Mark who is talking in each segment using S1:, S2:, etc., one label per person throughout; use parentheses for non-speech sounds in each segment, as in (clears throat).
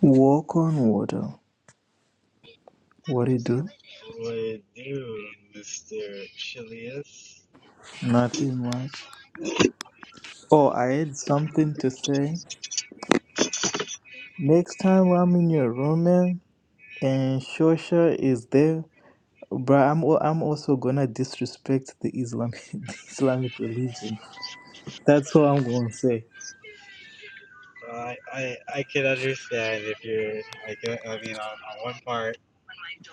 S1: Walk on water. What do you do?
S2: Would do, Mr. Chilius.
S1: Nothing much. Oh, I had something to say. Next time I'm in your room, man, and Shosha is there, but I'm al- I'm also gonna disrespect the Islamic (laughs) the Islamic religion. That's what I'm gonna say.
S2: I, I I can understand if you're I can I mean on, on one part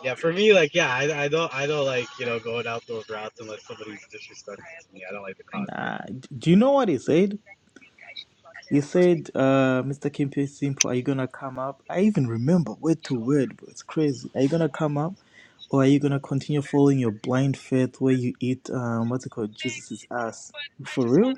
S2: yeah for me like yeah I, I don't I don't like you know going out those routes unless somebody's disrespectful to me I don't like to cause
S1: Nah, d- do you know what he said? You said, uh, Mr. Kimpe Simple, are you gonna come up? I even remember word to word, bro. It's crazy. Are you gonna come up, or are you gonna continue following your blind faith where you eat, um, what's it called, Jesus's ass? For real?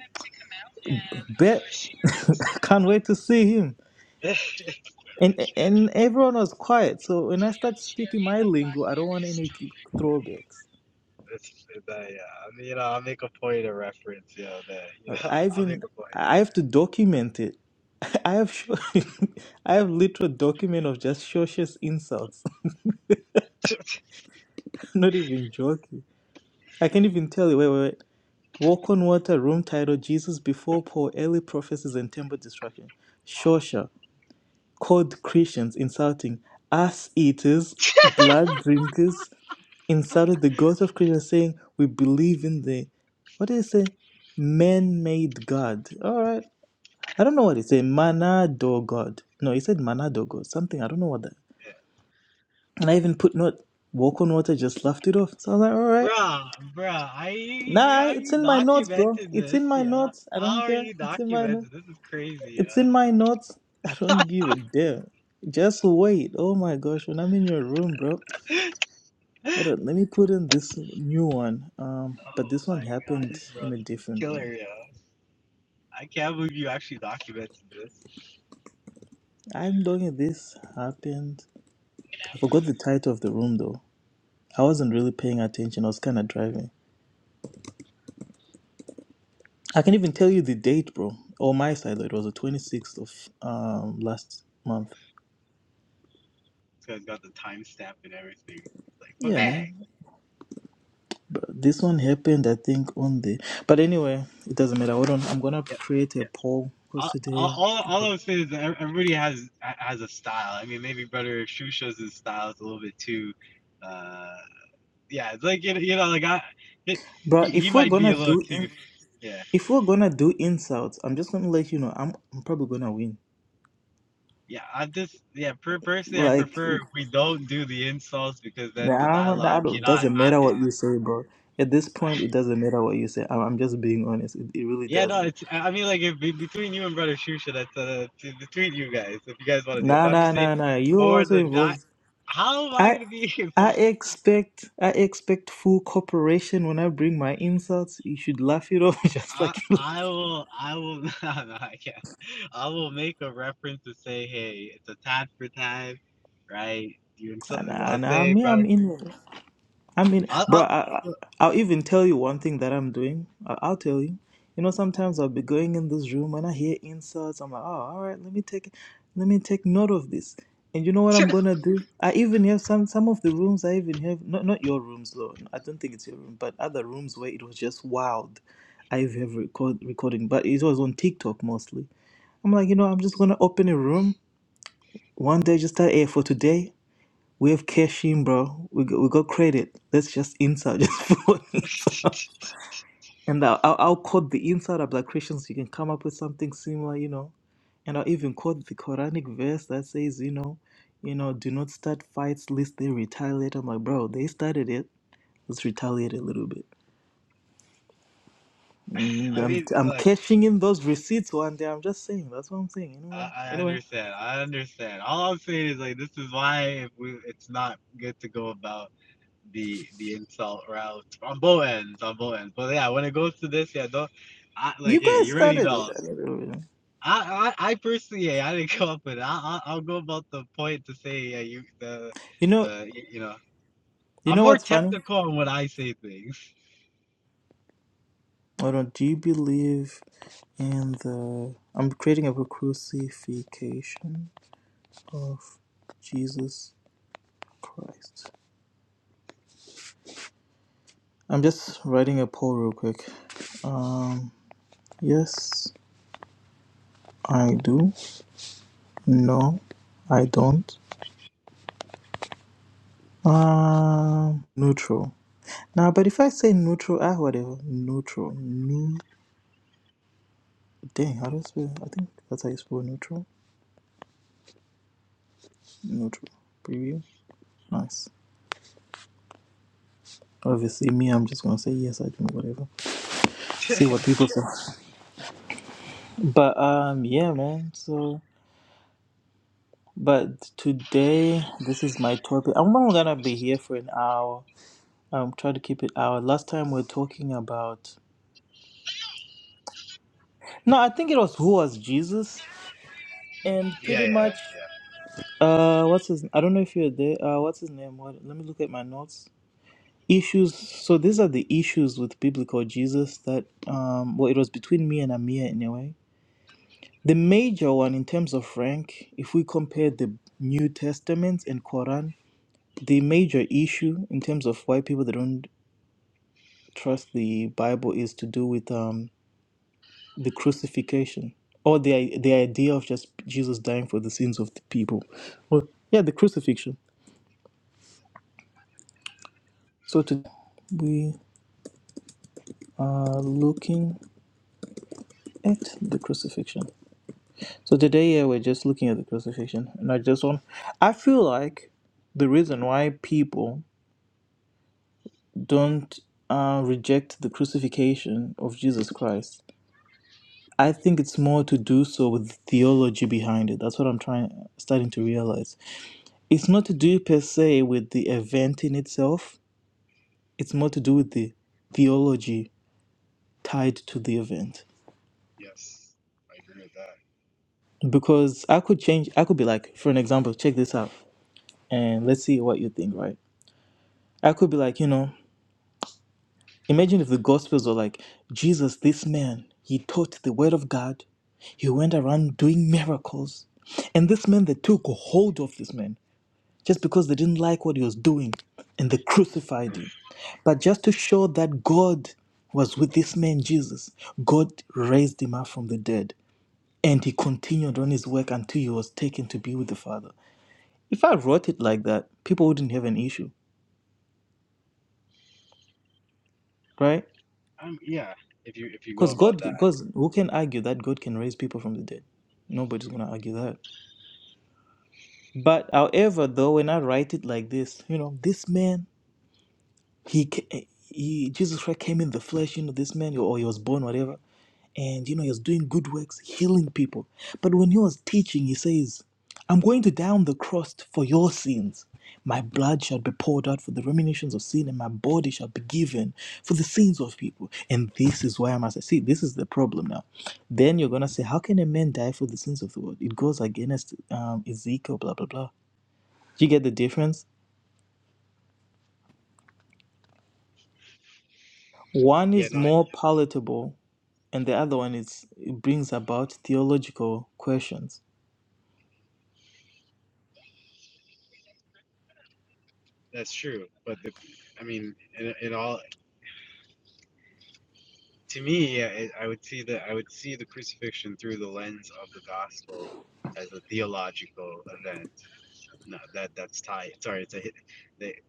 S1: Bet. (laughs) I can't wait to see him.
S2: it. (laughs) It's-
S1: And and everyone was quiet. So when I start speaking my lingo, I don't want any throwbacks.
S2: it's, uh, yeah, I mean, you know I'll make a point of reference you know that you know (laughs)
S1: I
S2: I'll make
S1: even
S2: a point.
S1: I have to document it. (laughs) I have sho- (laughs) I have literal document of just Shosha's insults.
S2: (laughs)
S1: (laughs) Not even joking. I can't even tell you. Wait, wait, wait. Walk on Water, room title Jesus Before Paul, Early Prophecies and Temple Destruction. Shosha, called Christians insulting, ass eaters, blood drinkers, insulted the God of Christians, saying, We believe in the, what did it say? Man made God. All right. I don't know what it said. Manado God. No, he said Manado God. Something. I don't know what that. And I even put note, Walk on Water just laughed it off. So I was like, All right.
S2: Bruh, bruh, I
S1: Nah,
S2: how are
S1: it's
S2: you
S1: in my notes, bro.
S2: documenting
S1: It's
S2: this,
S1: in my
S2: yeah?
S1: notes. I
S2: How
S1: don't
S2: are
S1: care.
S2: you
S1: It's in my notes.
S2: documenting? This is crazy,
S1: It's in my notes. (laughs) I don't give a damn. Just wait. Oh my gosh, when I'm in your room, bro.
S2: yeah. (laughs) Oh
S1: I do let me put in this new one. Um, but this one
S2: my god,
S1: happened
S2: bro,
S1: in a
S2: this is
S1: different room.
S2: killer, yo. I can't believe you actually documented this. This
S1: I'm talking. This happened. I forgot the title of the room though. I wasn't really paying attention. I was kind of driving. I can even tell you the date, bro. On my side, though, it was the 26th of um last month.
S2: guy's got the timestamp and everything. Like, but
S1: Yeah,
S2: man,
S1: man. But this one happened, I think, on the. But anyway, it doesn't matter. Hold on, I'm gonna
S2: yeah,
S1: create a poll because
S2: all,
S1: today,
S2: all, all- all I'm saying is that ev- everybody has has a style. I mean, maybe brother Shusha's style is a little bit too, uh, yeah, it's like you know, you know like I,
S1: bro.
S2: he he
S1: If we're
S2: might be
S1: gonna
S2: a little
S1: do,
S2: too,
S1: in,
S2: yeah,
S1: if we're gonna do insults, I'm just gonna let you know. I'm, I'm probably gonna win.
S2: yeah. I just, yeah, per- personally, I
S1: Like,
S2: prefer we don't do the insults because
S1: nah,
S2: then the
S1: I don't,
S2: dialogue
S1: I don't-
S2: cannot
S1: doesn't matter
S2: happen.
S1: what you say, bro. At this point, it doesn't matter what you say. I'm, I'm just being honest. It, it really
S2: Yeah, no,
S1: doesn't.
S2: it's. I I mean, like, if, be- between you and Brother Shusha, that's uh, t- between you guys, if you guys want to do it.
S1: Nah,
S2: But I'm
S1: nah,
S2: just saying,
S1: nah, nah. You're
S2: for
S1: also
S2: the dot,
S1: involved.
S2: how am I
S1: I,
S2: going to be (laughs)
S1: I
S2: involved?
S1: expect I expect full cooperation when I bring my insults. You should laugh it off (laughs) just
S2: I,
S1: like you
S2: I will, I will, (laughs) no, no, I can't. I will make a reference to say, hey, it's a tad for time, right? You insult,
S1: And
S2: I'll
S1: and I
S2: say,
S1: mean,
S2: brother.
S1: I'm in. I am in,
S2: I'll,
S1: bro,
S2: I'll,
S1: I, I- I'll even tell you one thing that I'm doing. I, I'll tell you. You know, sometimes I'll be going in this room and I hear insults. I'm like, oh, all right, let me take, let me take note of this. And you know what I'm gonna do? I even have some some of the rooms. I even have not not your rooms though. I don't think it's your room, but other rooms where it was just wild. I have record recording, but it was on TikTok mostly. I'm like, you know, I'm just gonna open a room one day, just start air for today. We have cash in, bro. We got, we got credit. Let's just insert, (laughs) just put insert. And I'll, I'll I'll quote the insert. I'll be like, Christians, you can come up with something similar, you know. And I'll even quote the Quranic verse that says, you know, you know, do not start fights lest they retaliate. I'm like, bro, they started it. Let's retaliate a little bit. And
S2: I
S1: I'm,
S2: mean,
S1: I'm
S2: look,
S1: cashing in those receipts one day. I'm just saying. That's what I'm saying.
S2: I,
S1: Anyway,
S2: I
S1: anyway,
S2: understand. I understand. All I'm saying is, like, this is why if we, it's not good to go about the the insult route on both ends, on both ends. But yeah, when it goes to this, yeah, don't I like
S1: you
S2: hey,
S1: guys
S2: you already
S1: started it.
S2: know.
S1: I don't know.
S2: I, I, I personally, hey, I didn't (laughs) come up with it. I, I, I'll go about the point to say, yeah, you, the,
S1: You know,
S2: uh, you, you know,
S1: you
S2: I'm
S1: know
S2: more
S1: what's funny?
S2: technical on when I say things.
S1: Hold on. Do you believe in the? I'm creating a crucifixion of Jesus Christ. I'm just writing a poll real quick. Um, yes, I do. No, I don't. Um, neutral. Now, but if I say neutral, ah, whatever. Neutral. New. Dang, how do I spell? I think that's how you spell neutral. Neutral. Preview. Nice. Obviously, me, I'm just gonna say yes. I do. Whatever. see what people say. But um, yeah, man. So, but today this is my topic. I'm not gonna be here for an hour. I'm trying to keep it hour. Last time we are talking about no, I think it was who was Jesus, and
S2: Yeah,
S1: pretty
S2: yeah, yeah, yeah.
S1: much uh, what's his? I don't know if you're there. Uh, what's his name? What? Let me look at my notes. Issues. So these are the issues with biblical Jesus that um, well, it was between me and Amir anyway. The major one in terms of rank, if we compare the New Testament and Quran, the major issue in terms of why people they don't trust the Bible is to do with um, the crucifixion or the the idea of just Jesus dying for the sins of the people. Well, yeah, the crucifixion. So today we are looking at the crucifixion. So today, yeah, we're just looking at the crucifixion, and I just want. I feel like the reason why people don't uh, reject the crucifixion of Jesus Christ. I think it's more to do so with theology behind it. That's what I'm trying, starting to realize. It's not to do per se with the event in itself. It's more to do with the theology tied to the event.
S2: Yes, I agree with that.
S1: Because I could change. I could be like, for an example, check this out, and let's see what you think. Right? I could be like, you know. Imagine if the Gospels were like, Jesus, this man, he taught the word of God, he went around doing miracles. And this man, they took hold of this man just because they didn't like what he was doing and they crucified him. But just to show that God was with this man, Jesus, God raised him up from the dead and he continued on his work until he was taken to be with the Father. If I wrote it like that, people wouldn't have an issue, right?
S2: Um, yeah, if you if you go
S1: Because
S2: about
S1: God,
S2: that,
S1: because who can argue that God can raise people from the dead? Nobody's going to argue that. But however, though, when I write it like this, you know, this man, he, ca- he Jesus Christ came in the flesh, you know, this man, or he was born, whatever and you know he was doing good works healing people but when he was teaching he says i'm going to die on the cross for your sins my blood shall be poured out for the remissions of sin and my body shall be given for the sins of people and this is why i must see this is the problem now then you're gonna say how can a man die for the sins of the world it goes against um, ezekiel blah blah blah do you get the difference one
S2: yeah,
S1: is
S2: no, I,
S1: more palatable and the other one is it brings about theological questions
S2: that's true. But the, I mean, in, in all to me, yeah, it, I would see the I would see the crucifixion through the lens of the gospel as a theological event. No, that that's tied. Sorry, it's a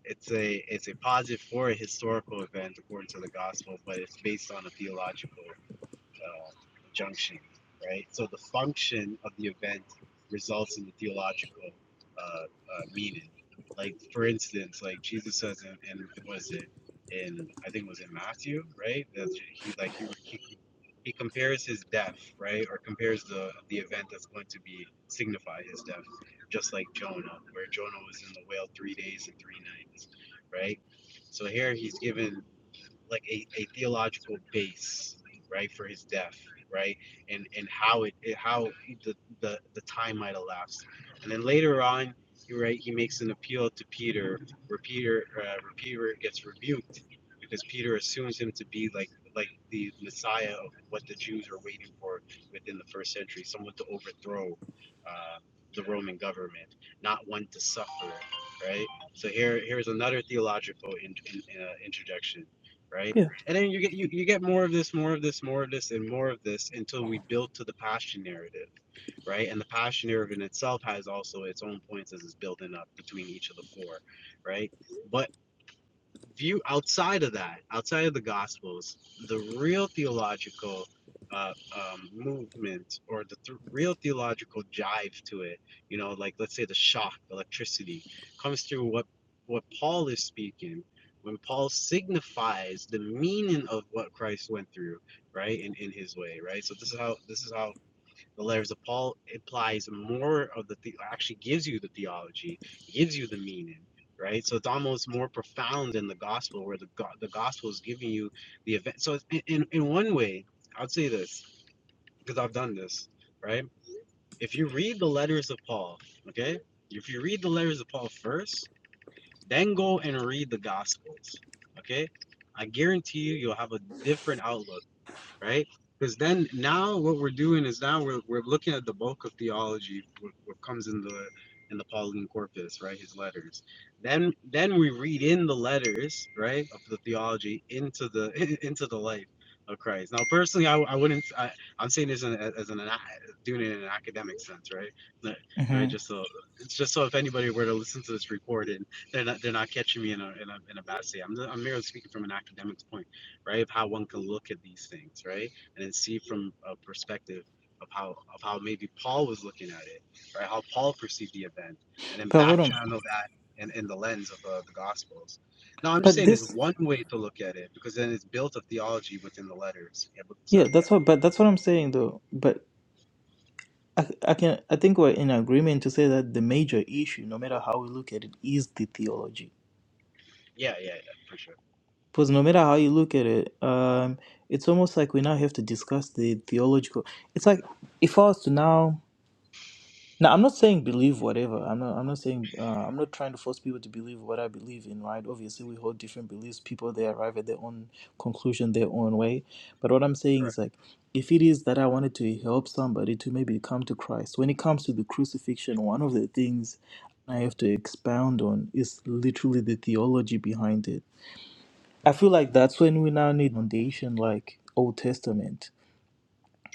S2: it's a it's a positive for a historical event according to the gospel, but it's based on a theological uh, junction, right? So the function of the event results in the theological uh, uh, meaning. Like for instance, like Jesus says, in, in what is it? In I think it was in Matthew, right? That he like he he he compares his death, right, or compares the the event that's going to be signify his death, just like Jonah, where Jonah was in the whale three days and three nights, right? So here he's given like a, a theological base, right, for his death, right, and and how it, how the, the the time might have lapsed, and then later on, you're right, he makes an appeal to Peter, where Peter uh, where Peter gets rebuked because Peter assumes him to be like like the Messiah of what the Jews are waiting for within the first century, someone to overthrow uh, the Roman government, not one to suffer, right? So here here's another theological in, in, uh, interjection right?
S1: yeah
S2: And then you get you, you get more of this, more of this, more of this, and more of this until we build to the posture narrative, right? And the posture narrative in itself has also its own points as it's building up between each of the four, right? But view outside of that, outside of the Gospels, the real theological uh, um, movement or the th- real theological jive to it, you know, like let's say the shock, electricity, comes through what what Paul is speaking when Paul signifies the meaning of what Christ went through, right, in in his way, right. So this is how this is how the letters of Paul implies more of the, the actually gives you the theology, gives you the meaning, right? So it's almost more profound than the gospel, where the the gospel is giving you the event. So it's- in, in one way, I'd say this because I've done this, right? If you read the letters of Paul, okay, if you read the letters of Paul first, then go and read the gospels, okay. I guarantee you, you'll have a different outlook right? Because then now what we're doing is now we're, we're looking at the bulk of theology, what, what comes in the in the Pauline corpus, right? His letters. Then then we read in the letters, right, of the theology into the (laughs) into the life of Christ. Now, personally, I, I wouldn't. I, I'm saying this in, as an doing it in an academic sense, right? Like,
S1: hmm
S2: Right. Just so it's just so if anybody were to listen to this recording, they're not they're not catching me in a in a in a bad state. I'm I'm merely speaking from an academic point right? Of how one can look at these things, right? And then see from a perspective of how of how maybe Paul was looking at it, right? How Paul perceived the event, and then
S1: but
S2: back
S1: hold on
S2: channel that in, in the lens of uh, the Gospels. Now, I'm just
S1: But
S2: saying is
S1: this,
S2: one way to look at it because then it's built a theology within the letters. Yeah, but, sorry,
S1: yeah,
S2: yeah,
S1: that's what. But that's what I'm saying, though. But I, I can, I think we're in agreement to say that the major issue, no matter how we look at it, is the theology.
S2: yeah, yeah, yeah, for sure,
S1: Because no matter how you look at it, um, it's almost like we now have to discuss the theological. It's like if I was to now Now, I'm not saying believe whatever. I'm not. I'm not saying. Uh, I'm not trying to force people to believe what I believe in. Right? Obviously, we hold different beliefs. People they arrive at their own conclusion, their own way. But what I'm saying is
S2: correct.
S1: like, if it is that I wanted to help somebody to maybe come to Christ, when it comes to the crucifixion, one of the things I have to expound on is literally the theology behind it. I feel like that's when we now need foundation, like Old Testament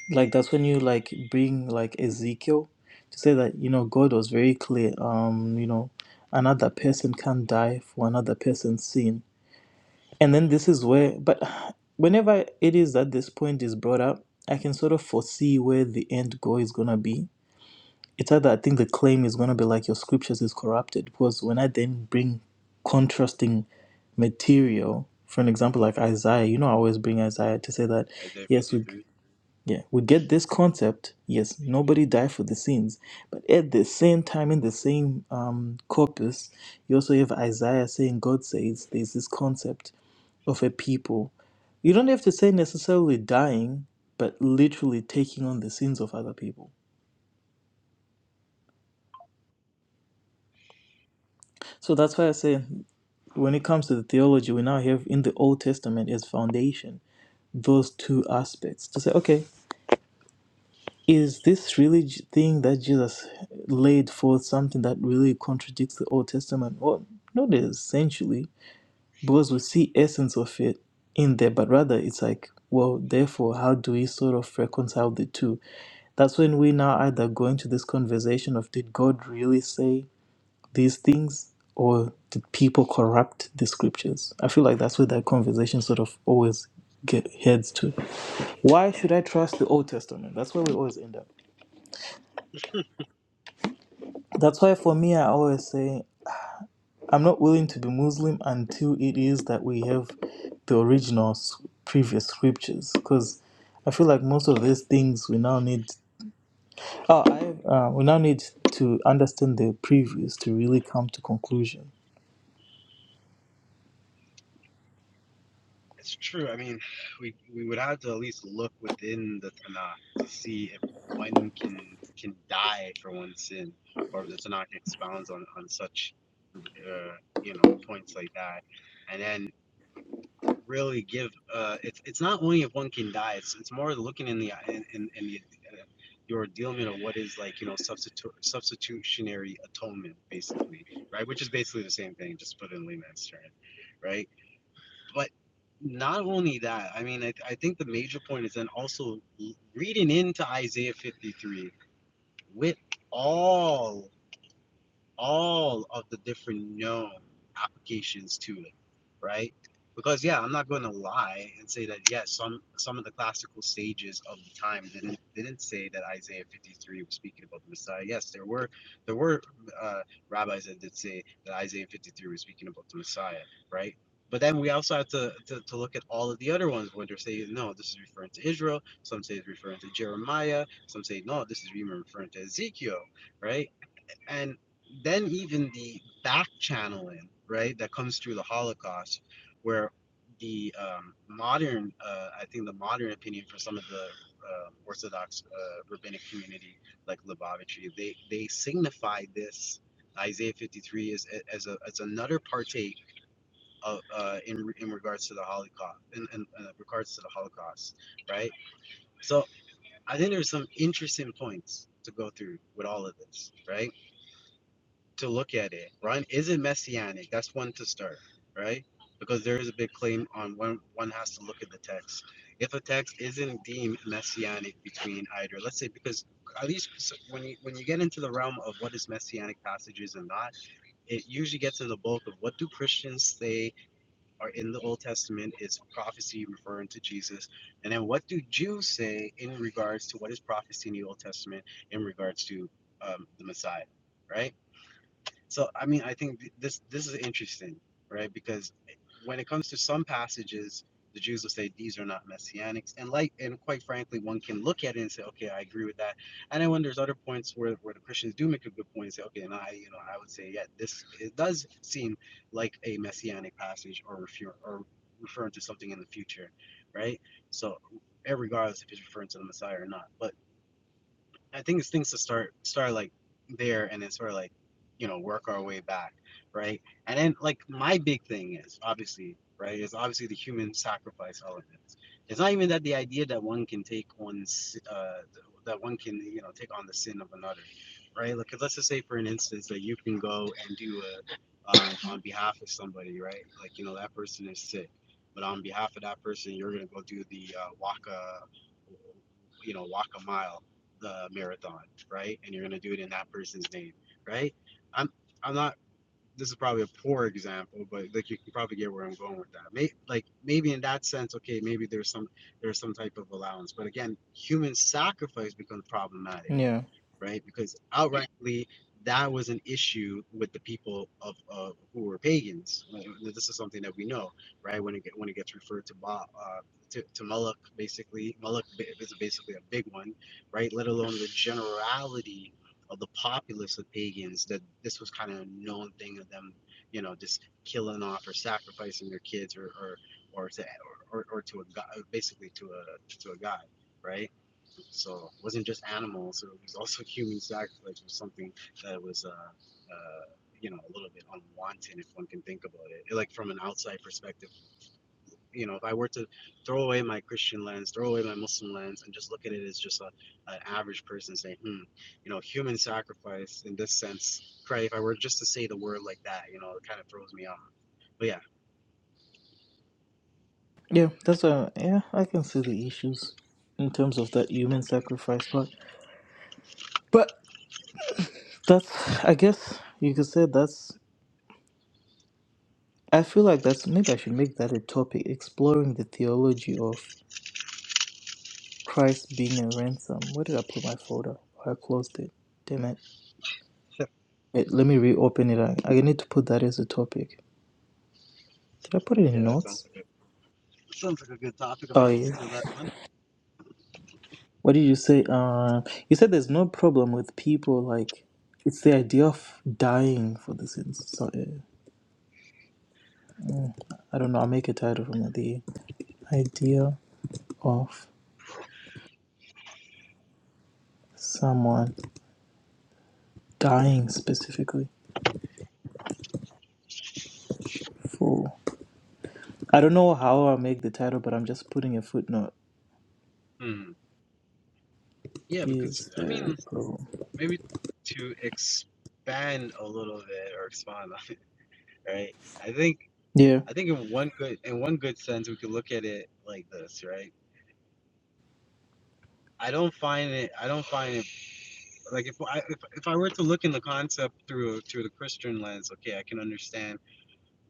S1: like that's when you like bring like Ezekiel to say that you know God was very clear um you know another person can not die for another person's sin and then this is where but (sighs) whenever it is that this point is brought up I can sort of foresee where the end goal is gonna be it's either I think the claim is gonna be like your scriptures is corrupted because when I then bring contrasting material for an example like Isaiah you know I always bring Isaiah to say that
S2: Isaiah
S1: yes we.
S2: 53.
S1: Yeah, we get this concept. Yes, nobody died for the sins, but at the same time, in the same um, corpus, you also have Isaiah saying, "God says there's this concept of a people. You don't have to say necessarily dying, but literally taking on the sins of other people." So that's why I say, when it comes to the theology, we now have in the Old Testament as foundation those two aspects to say, okay, Is this really j- thing that Jesus laid forth something that really contradicts the Old Testament? Well, not essentially, because we see essence of it in there, but rather it's like, well, therefore, how do we sort of reconcile the two? That's when we now either go into this conversation of did God really say these things or did people corrupt the scriptures? I feel like that's where that conversation sort of always get heads to. Why should I trust the Old Testament? That's where we always end up. That's why for me, I always say I'm not willing to be Muslim until it is that we have the original s- previous scriptures, because I feel like most of these things we now need. Oh, I uh, we now need to understand the previous to really come to conclusion.
S2: It's true. I mean, we we would have to at least look within the Tanakh to see if one can can die for one sin, or if the Tanakh expounds on on such, uh, you know, points like that, and then really give. Uh, it's it's not only if one can die. It's it's more looking in the in in, in the. Uh, your dealment of what is like you know substitu- substitutionary atonement basically right which is basically the same thing just put in layman's terms right but not only that, I mean, I, I think the major point is then also reading into Isaiah 53 with all all of the different known applications to it, right? Because yeah, I'm not going to lie and say that yes, some some of the classical sages of the time didn't didn't say that Isaiah 53 was speaking about the Messiah. Yes, there were there were uh, rabbis that did say that Isaiah 53 was speaking about the Messiah, right? But then we also have to, to, to look at all of the other ones where they're saying, no, this is referring to Israel. Some say it's referring to Jeremiah. Some say, no, this is even referring to Ezekiel, right? and then even the back channeling right that comes through the holocaust where the um, modern uh, i think the modern opinion for some of the uh, orthodox uh, rabbinic community like lubavitchy they they signify this isaiah 53 as, as a as another partake of uh, in in regards to the holocaust in, in uh, regards to the holocaust right so i think there's some interesting points to go through with all of this right to look at it. Ryan isn't messianic. That's one to start, right? Because there is a big claim on when one has to look at the text. If a text isn't deemed messianic between either, let's say because at least so- when you when you get into the realm of what is messianic passages and not, it usually gets to the bulk of what do Christians say are in the Old Testament is prophecy referring to Jesus, and then what do Jews say in regards to what is prophecy in the Old Testament in regards to um, the Messiah, right? So I mean, I think th- this this is interesting, right? Because when it comes to some passages, the Jews will say these are not messianic, and like and quite frankly, one can look at it and say, okay, I agree with that. And then when there's other points where where the Christians do make a good point and say, okay, and I you know I would say yeah, this it does seem like a messianic passage or refer, or referring to something in the future, right? So regardless if it's referring to the Messiah or not, but I think it's things to start start like there and then sort of like you know work our way back, right? And then like my big thing is obviously right is obviously the human sacrifice elements. It's not even that the idea that one can take one's uh, that one can you know take on the sin of another, right? Like 'cause let's just say for an instance that you can go and do a um, on behalf of somebody, right? Like you know that person is sick, but on behalf of that person, you're gonna go do the uh, walk a you know, walk a mile the marathon, right? And you're gonna do it in that person's name, right? I'm I'm not. This is probably a poor example, but like you can probably get where I'm going with that. May, like maybe in that sense, okay, maybe there's some there's some type of allowance, but again, human sacrifice becomes problematic
S1: Yeah,
S2: right? Because outrightly, that was an issue with the people of uh, who were pagans. Like, This is something that we know, right? When it get, when it gets referred to Ba uh, to, to Moloch, basically, Moloch is basically a big one, right? Let alone the generality of the populace of pagans that this was kind of a known thing of them, you know, just killing off or sacrificing their kids or or or to or, or, or to a god, basically to a to a god, right? So it wasn't just animals; it was also (laughs) human sacrifice was something that was, uh, uh, you know, a little bit unwanted if one can think about it. Like from an outside perspective, you know, if I were to throw away my Christian lens, throw away my Muslim lens, and just look at it as just a an average person saying, hmm, you know, human sacrifice in this sense. Right? If I were just to say the word like that, you know, it kind of throws me off. But yeah,
S1: yeah, that's a yeah. I can see the issues in terms of that human sacrifice part, but that's I guess you could say that's. I feel like that's maybe I should make that a topic exploring the theology of Christ being a ransom. Where did I put my folder? Oh, I closed it. Damn it. Wait, let me reopen it. I, I need to put that as a topic. Did I put it in
S2: yeah, that sounds
S1: notes?
S2: like a, sounds like a good topic. I
S1: Oh
S2: might have to
S1: yeah.
S2: steal that one.
S1: What did you say? Uh, you said there's no problem with people like it's the idea of dying for the sins. So uh, I don't know. I'll make a title from it. The idea of someone dying specifically for. I don't know how I'll make the title, but I'm just putting a footnote.
S2: Hmm. Yeah, because
S1: Is
S2: I mean,
S1: the problem?
S2: maybe to expand a little bit or expand on it, (laughs) right? I think
S1: Yeah.
S2: I think in one good in one good sense we could look at it like this, right? I don't find it I don't find it like if I if, if I were to look in the concept through through the Christian lens, okay, I can understand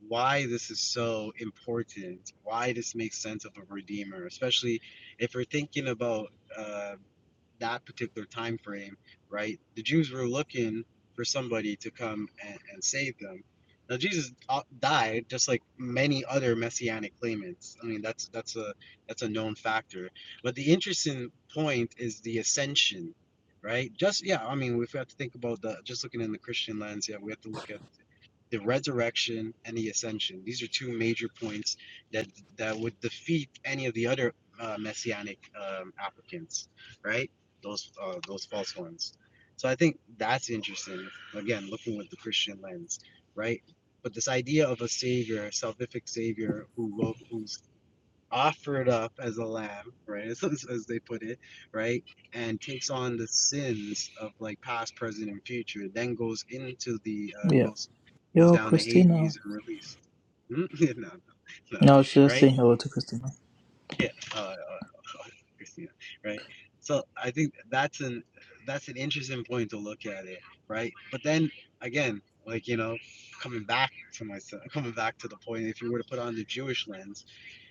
S2: why this is so important, why this makes sense of a redeemer, especially if we're thinking about um that particular time frame, right? The Jews were looking for somebody to come and, and save them. Now Jesus uh, died, just like many other messianic claimants. I mean, that's that's a that's a known factor. But the interesting point is the ascension, right? Just yeah, I mean, we have to think about the just looking in the Christian lens. Yeah, we have to look at the resurrection and the ascension. These are two major points that that would defeat any of the other uh, messianic um, applicants, right? Those uh, those false ones. So I think that's interesting. Again, looking with the Christian lens, right? But this idea of a savior, a salvific savior, who will, who's offered up as a lamb, right? As, as they put it, right? And takes on the sins of like past, present, and future. Then goes into the uh,
S1: Yeah.
S2: goes goes
S1: Yo,
S2: down to
S1: Christina.
S2: Hades and released. Hmm? (laughs) no, no, no,
S1: No, I was just
S2: right?
S1: saying hello to Christina.
S2: Yeah, uh, uh, (laughs) uh, Christina, right? So I think that's an that's an interesting point to look at it, right? But then again, like you know, coming back to myself, coming back to the point, if you were to put on the Jewish lens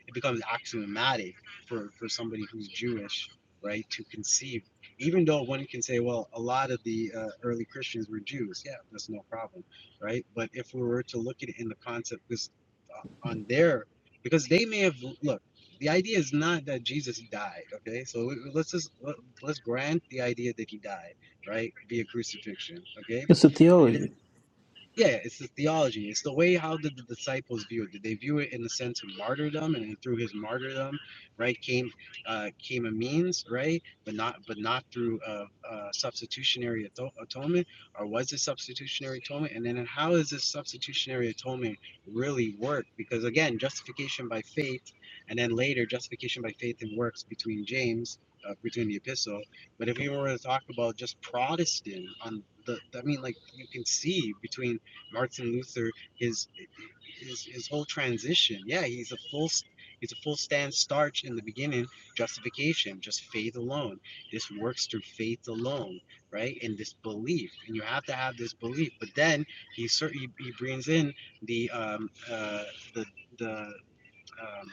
S2: it becomes axiomatic for for somebody who's Jewish, right, to conceive. Even though one can say, well, a lot of the uh, early Christians were Jews, yeah, that's no problem, right? But if we were to look at it in the concept, because uh, on their, because they may have look, the idea is not that Jesus died, okay? So let's just let- let's grant the idea that he died, right? Via crucifixion, okay?
S1: It's the
S2: It is
S1: theology.
S2: yeah, it's the theology. It's the way how did the disciples view it? Did they view it in the sense of martyrdom, and then through his martyrdom, right, came uh, came a means, right, but not but not through uh, uh, substitutionary ato- atonement, or was it substitutionary atonement? And then how is this substitutionary atonement really work? Because again, justification by faith, and then later justification by faith and works between James. Uh, between the epistle, but if we were to talk about just Protestant on the, I mean, like you can see between Martin Luther, his his his whole transition. Yeah, he's a full he's a full stand starch in the beginning. Justification, just faith alone. This works through faith alone, right? And this belief, and you have to have this belief. But then he certainly he brings in the um uh the the um,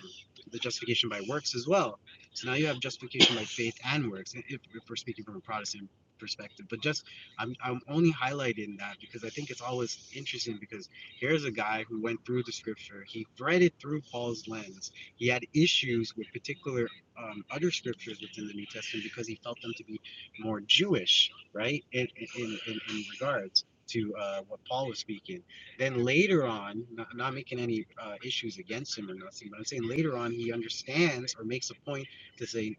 S2: the justification by works as well. So now you have justification by faith and works, if, if we're speaking from a Protestant perspective. But just I'm I'm only highlighting that because I think it's always interesting because here's a guy who went through the scripture. He read it through Paul's lens. He had issues with particular um, other scriptures within the New Testament because he felt them to be more Jewish, right? In in in, in regards to uh, what Paul was speaking. Then later on, not, not making any uh, issues against him or nothing, but I'm saying later on he understands or makes a point to say,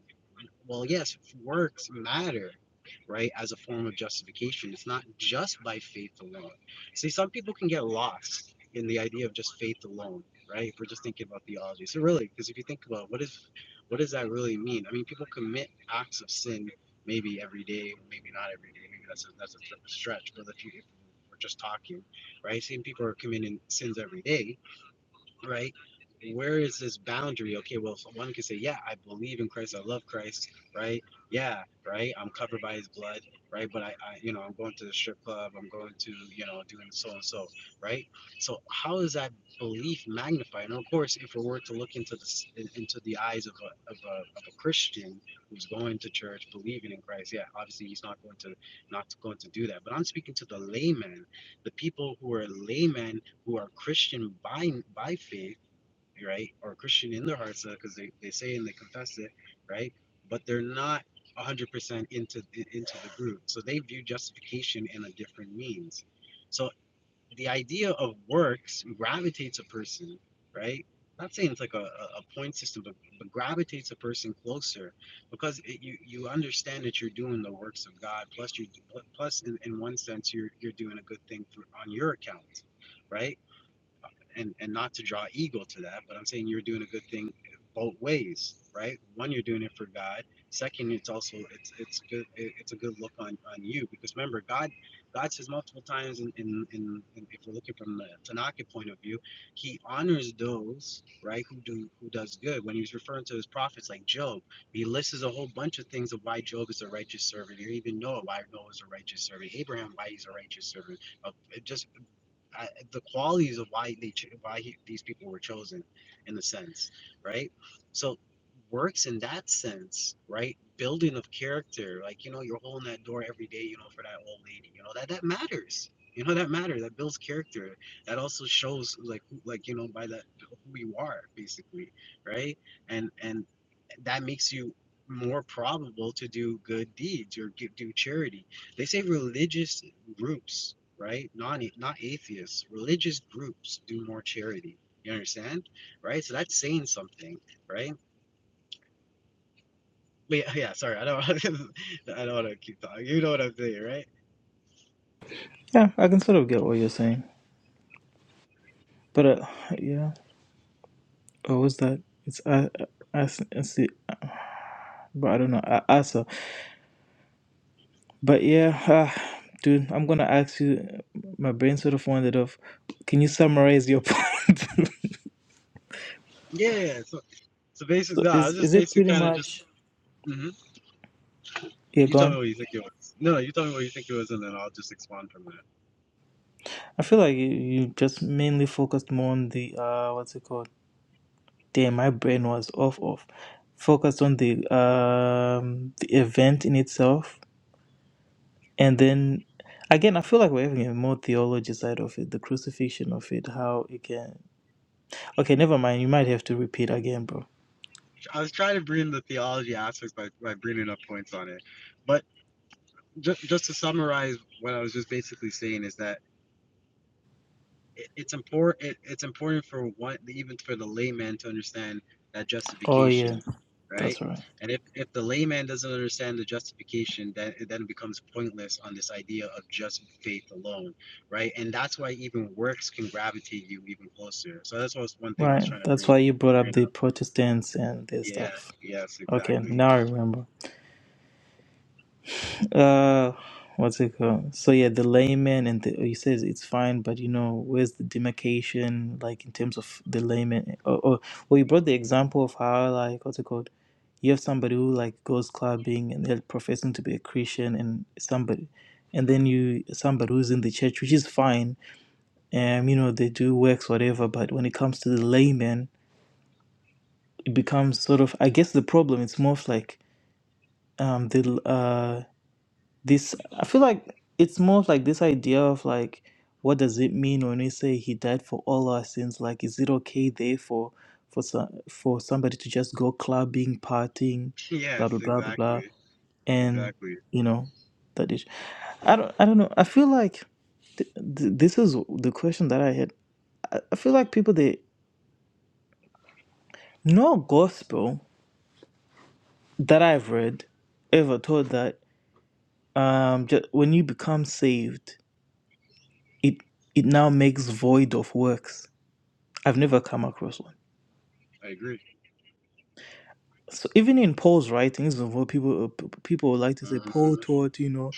S2: well, yes, works matter, right, as a form of justification. It's not just by faith alone. See, some people can get lost in the idea of just faith alone, right? If we're just thinking about theology. So really, because if you think about what is what does that really mean? I mean, people commit acts of sin maybe every day, maybe not every day. Maybe that's a, that's a stretch. But if, you, if we're just talking, right? Same people are committing sins every day right? Where is this boundary? Okay, well, one can say, yeah, I believe in Christ, I love Christ, right? Yeah, right. I'm covered by His blood, right? But I, I you know, I'm going to the strip club, I'm going to, you know, doing so and so, right? So how is that belief magnified? And of course, if we were to look into the into the eyes of a, of a of a Christian who's going to church, believing in Christ, yeah, obviously he's not going to not going to do that. But I'm speaking to the layman, the people who are laymen who are Christian by by faith, right, or Christian in their hearts, because they, they say and they confess it, right, but they're not one hundred percent into the- into the group, so they view justification in a different means. So the idea of works gravitates a person, right? Not saying it's like a, a a point system, but, but gravitates a person closer because it, you you understand that you're doing the works of God. Plus, you plus in, in one sense you're you're doing a good thing for, on your account, right? and and not to draw ego to that, but I'm saying you're doing a good thing both ways, right? One, you're doing it for God. Second, it's also it's it's good it's a good look on on you because remember God God says multiple times in in, in, in if we're looking from the Tanaka point of view, He honors those right who do who does good. When He's referring to His prophets like Job, He lists a whole bunch of things of why Job is a righteous servant, or even Noah why Noah is a righteous servant, Abraham why he's a righteous servant, uh, just I, the qualities of why they cho- why he, these people were chosen in a sense right so works in that sense right building of character like you know you're holding that door every day you know for that old lady you know that that matters you know that matters that builds character that also shows like who- like you know by that who you are basically right and and that makes you more probable to do good deeds or gi- do charity they say religious groups right? Not not atheists, religious groups do more charity. You understand, right? So that's saying something, right? But (laughs) yeah, yeah sorry, I don't, (laughs) I don't want to keep talking. You know what I'm saying, right?
S1: Yeah, I can sort of get what you're saying, but uh, yeah, what was that? It's I, I, I see, but I don't know. I, Asa, but yeah, uh, dude, I'm gonna ask you. My brain sort of wandered off. Can you summarize your (laughs) point?
S2: Yeah. yeah, So, so basically,
S1: so
S2: no, I
S1: is
S2: was just
S1: is it
S2: basically
S1: pretty
S2: kind of just.
S1: much
S2: hmm
S1: you're
S2: You tell me
S1: gone?
S2: what you think it was. No, no, you tell me what you think it was, and then I'll just expand from that.
S1: I feel like you, you just mainly focused more on the uh, what's it called? there my brain was off off focused on the um the event in itself and then again i feel like we're having a more theology side of it the crucifixion of it how it can okay never mind you might have to repeat again bro
S2: I was trying to bring the theology aspects by, by bringing up points on it, but just just to summarize, what I was just basically saying is that it, it's important. It, it's important for what even for the layman to understand that
S1: oh yeah
S2: justification, right?
S1: that's right
S2: And if if the layman doesn't understand the justification, then it then becomes pointless on this idea of just faith alone, right? And that's why even works can gravitate you even closer. So that's what was one thing I was
S1: right
S2: trying to
S1: that's
S2: bring.
S1: why you brought up
S2: You know,
S1: the protestants and their
S2: yeah,
S1: stuff
S2: yes,
S1: okay
S2: exactly.
S1: now
S2: (laughs)
S1: i remember Uh, what's it called? So yeah, the layman and the, he says it's fine, but you know, where's the demarcation, like in terms of the layman? Or, or well, you brought the example of how like what's it called? You have somebody who like goes clubbing and they're professing to be a Christian, and somebody, and then you somebody who's in the church, which is fine, and you know they do works whatever, but when it comes to the layman, it becomes sort of I guess the problem. It's more of like um the uh this i feel like it's more of like this idea of like what does it mean when we say he died for all our sins like is it okay there for for some for somebody to just go clubbing partying blah
S2: Yes,
S1: blah blah blah blah
S2: exactly,
S1: and
S2: exactly.
S1: you know that is i don't i don't know i feel like th- th- this is the question that i had I, I feel like people they no gospel that i've read ever taught that um just when you become saved it it now makes void of works. I've never come across one.
S2: I agree.
S1: So even in Paul's writings, of what people uh, people would like to say
S2: Mm-hmm.
S1: Paul taught, you know,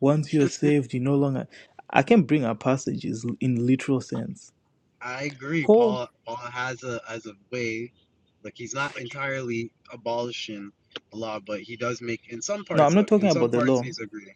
S1: once you're saved, you no longer. I can bring up passages in literal sense.
S2: I agree.
S1: Paul,
S2: Paul Paul has a as a way, like he's not entirely abolishing the law, but he does make in some
S1: no, I'm
S2: parts.
S1: not
S2: Look,
S1: talking
S2: in some
S1: about the
S2: parts
S1: law.
S2: he's agreeing.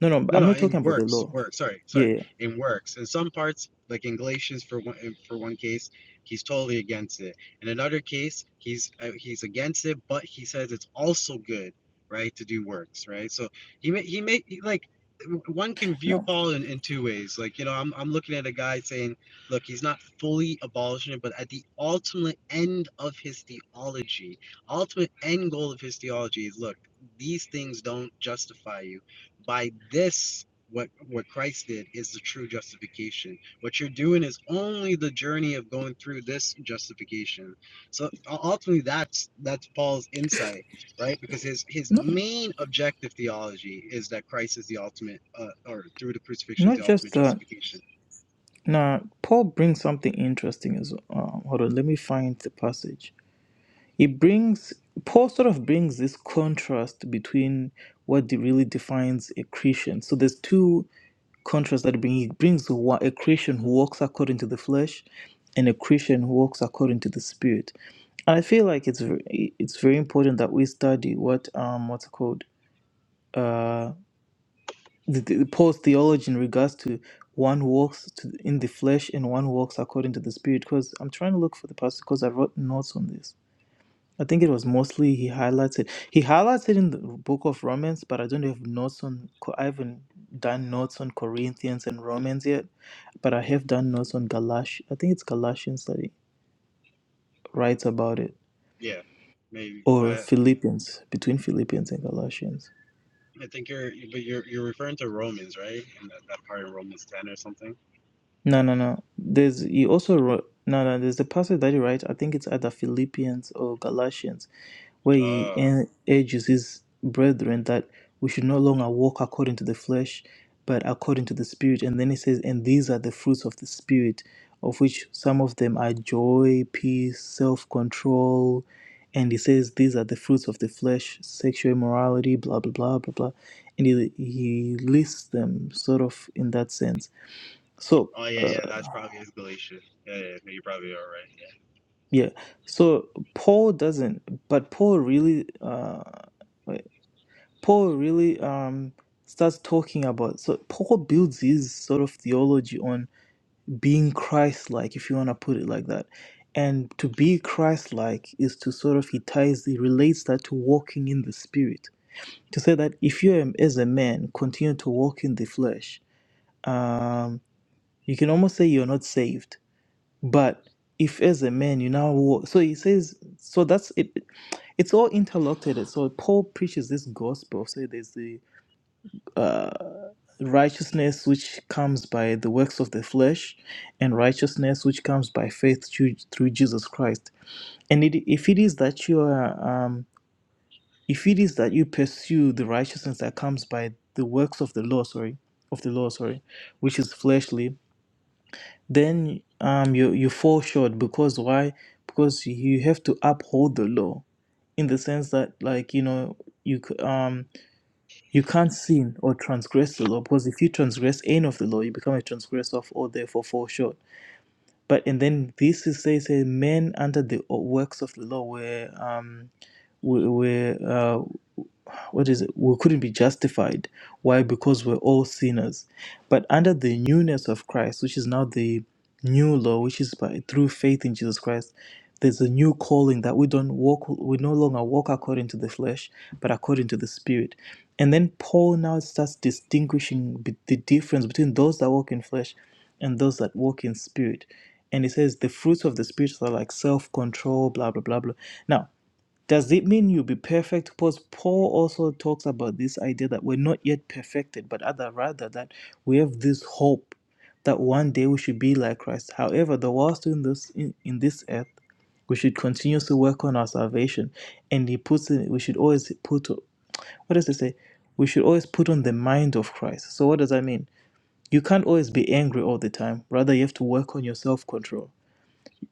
S1: No, no,
S2: No,
S1: I'm
S2: no,
S1: not
S2: in
S1: talking about the
S2: works,
S1: law.
S2: works. Sorry,
S1: Yeah,
S2: sorry,
S1: yeah.
S2: in works. In some parts, like in Galatians, for one in- for one case, he's totally against it. In another case, he's uh, he's against it, but he says it's also good, right, to do works, right? So he may he may he, like w- one can view
S1: no,
S2: Paul in, in two ways. Like you know, I'm I'm looking at a guy saying, look, he's not fully abolishing it, but at the ultimate end of his theology, ultimate end goal of his theology is look, these things don't justify you by this what what Christ did is the true justification. What you're doing is only the journey of going through this justification. So ultimately that's that's Paul's insight, right? Because his his
S1: no,
S2: main objective theology is that Christ is the ultimate uh, or through the crucifixion is
S1: not
S2: the
S1: just
S2: ultimate
S1: that.
S2: justification.
S1: Now, Paul brings something interesting as. Um, hold on, let me find the passage. It brings Paul sort of brings this contrast between what de- really defines a Christian. So there's two contrasts that bring he brings wa- a Christian who walks according to the flesh, and a Christian who walks according to the spirit. And I feel like it's very, it's very important that we study what um what's it called uh the, the Paul's theology in regards to one who walks to, in the flesh and one who walks according to the spirit. Because I'm trying to look for the passage because I wrote notes on this I think it was mostly he highlights it. He highlights it in the book of Romans, but I don't have notes on. Co- I haven't done notes on Corinthians and Romans yet, but I have done notes on Galatians. I think it's Galatians that he writes about it,
S2: Yeah. Maybe
S1: or
S2: uh,
S1: Philippians between Philippians and Galatians.
S2: I think you're but you're you're referring to Romans, right? And that, that part in Romans 10 or something.
S1: No, no, no. There's he also wrote no, no. There's the passage that he writes. I think it's either Philippians or Galatians, where he
S2: Oh.
S1: en- urges his brethren that we should no longer walk according to the flesh, but according to the spirit. And then he says, and these are the fruits of the spirit, of which some of them are joy, peace, self-control. And he says these are the fruits of the flesh, sexual immorality, blah blah blah blah blah, and he he lists them sort of in that sense. So.
S2: Oh yeah, yeah,
S1: uh,
S2: that's probably his Galatians. Yeah, yeah, you're probably all right. Yeah.
S1: Yeah. So Paul doesn't, but Paul really, uh, wait, Paul really um starts talking about. So Paul builds his sort of theology on being Christ-like, if you want to put it like that. And to be Christ-like is to sort of he ties he relates that to walking in the Spirit. To say that if you am- as a man continue to walk in the flesh, um, you can almost say you're not saved. But if as a man you now walk, so he says, so that's it. it's all interlocked. So Paul preaches this gospel. So there's the uh, righteousness which comes by the works of the flesh, and righteousness which comes by faith through, through Jesus Christ. And it, if it is that you are, um, if it is that you pursue the righteousness that comes by the works of the law, sorry, of the law, sorry, which is fleshly, then um you you fall short because why because you have to uphold the law in the sense that like you know you c- um you can't sin or transgress the law because if you transgress any of the law you become a transgressor of all therefore fall short but and then this is says hey, men under the o- works of the law were um we we uh, what is it? We couldn't be justified. Why? Because we're all sinners. But under the newness of Christ, which is now the new law, which is by through faith in Jesus Christ, there's a new calling that we don't walk. We no longer walk according to the flesh, but according to the Spirit. And then Paul now starts distinguishing be- the difference between those that walk in flesh and those that walk in spirit. And he says the fruits of the spirit are like self control, blah blah blah blah. Now does it mean you'll be perfect? Because Paul also talks about this idea that we're not yet perfected, but other rather that we have this hope that one day we should be like Christ. However, the whilst in this in, in this earth, we should continuously work on our salvation. And he puts in we should always put what does it say? We should always put on the mind of Christ. So what does that mean? You can't always be angry all the time. Rather, you have to work on your self-control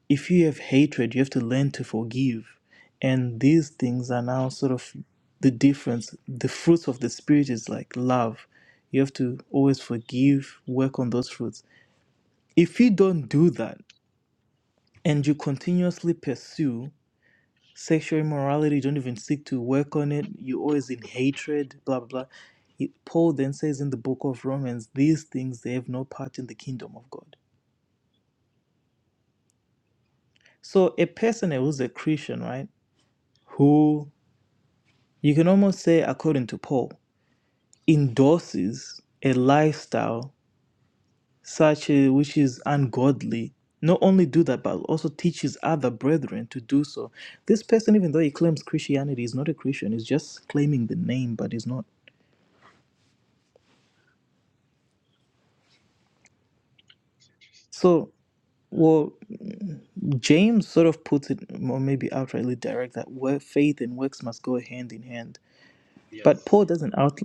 S1: if you have hatred, you have to learn to forgive. And these things are now sort of the difference. The fruits of the Spirit is like love. You have to always forgive, work on those fruits. If you don't do that and you continuously pursue sexual immorality, you don't even seek to work on it, you're always in hatred, blah, blah, blah. It- Paul then says in the book of Romans, these things, they have no part in the kingdom of God. So a person who's a Christian, right, who you can almost say, according to Paul, endorses a lifestyle such a, which is ungodly. Not only do that, but also teaches other brethren to do so. This person, even though he claims Christianity, is not a Christian. He's just claiming the name, but he's not. So, well, James sort of puts it, or maybe outrightly direct, that where faith and works must go hand in hand But
S2: Yes.
S1: Paul doesn't out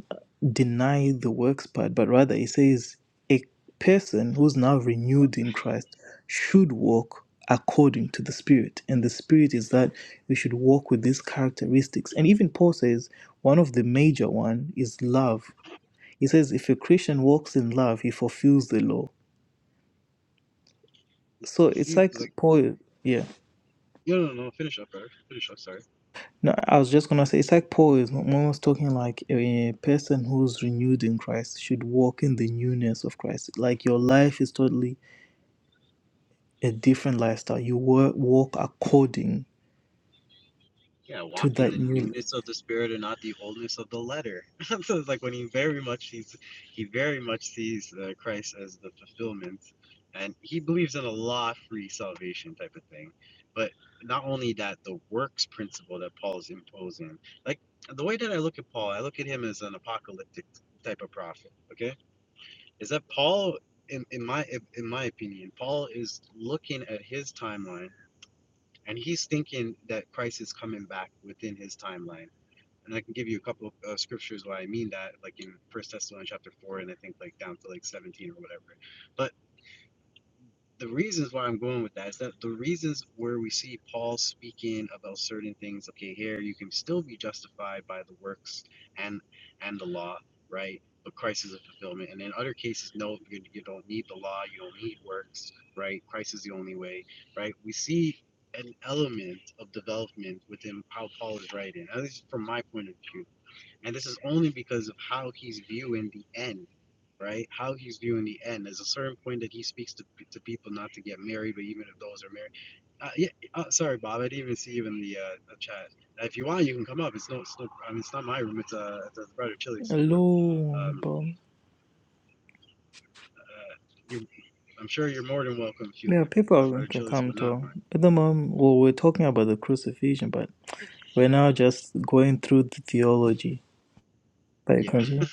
S1: deny the works part, but rather he says a person who's now renewed in Christ should walk according to the Spirit. And the Spirit is
S2: It's,
S1: that we should walk with these characteristics. And even Paul says one of the major one is love. He says if a Christian walks in love, he fulfills the law.
S2: it's,
S1: So
S2: you
S1: it's
S2: see,
S1: like
S2: like,
S1: Paul, yeah.
S2: no, no, no, finish up, brother. Finish up, sorry.
S1: No, I was just gonna say it's like Paul is when was talking like a person who's renewed in Christ should walk in the newness of Christ. Like your life is totally a different lifestyle. You wa- walk according
S2: Yeah,
S1: to
S2: walk in
S1: that
S2: the
S1: new.
S2: newness of the spirit and not the oldness of the letter. (laughs) so it's like when he very much sees, he very much sees uh, Christ as the fulfillment, and he believes in a law-free salvation type of thing. But not only that, the works principle that Paul's imposing, like the way that I look at Paul, I look at him as an apocalyptic type of prophet. Okay is that Paul, in, in my in my opinion, Paul is looking at his timeline and he's thinking that Christ is coming back within his timeline. And I can give you a couple of uh, scriptures why I mean that, like in First Thessalonians chapter four, and I think like down to like seventeen or whatever. But the reasons why I'm going with that is that the reasons where we see Paul speaking about certain things, okay, here you can still be justified by the works and and the law, right? But Christ is a fulfillment. And in other cases, no, you, you don't need the law, you don't need works, right? Christ is the only way, right? We see an element of development within how Paul is writing, at least from my point of view and this is only because of how he's viewing the end, right? How he's viewing the end. There's a certain point that he speaks to, to people not to get married, but even if those are married. Uh, yeah, uh, sorry, Bob. I didn't even see even the, uh, the chat. Uh, If you want, you can come up. It's no, it's no. I mean, it's not my room. It's uh, it's, uh, Brother Chili's room.
S1: Hello,
S2: Um,
S1: but
S2: uh, you, I'm sure you're more than welcome if you,
S1: yeah,
S2: if uh,
S1: people
S2: Brother
S1: can
S2: Chili's
S1: come
S2: would not
S1: to.
S2: mind.
S1: At the moment, well, we're talking about the crucifixion, but we're now just going through the theology. But you
S2: Yeah,
S1: continue.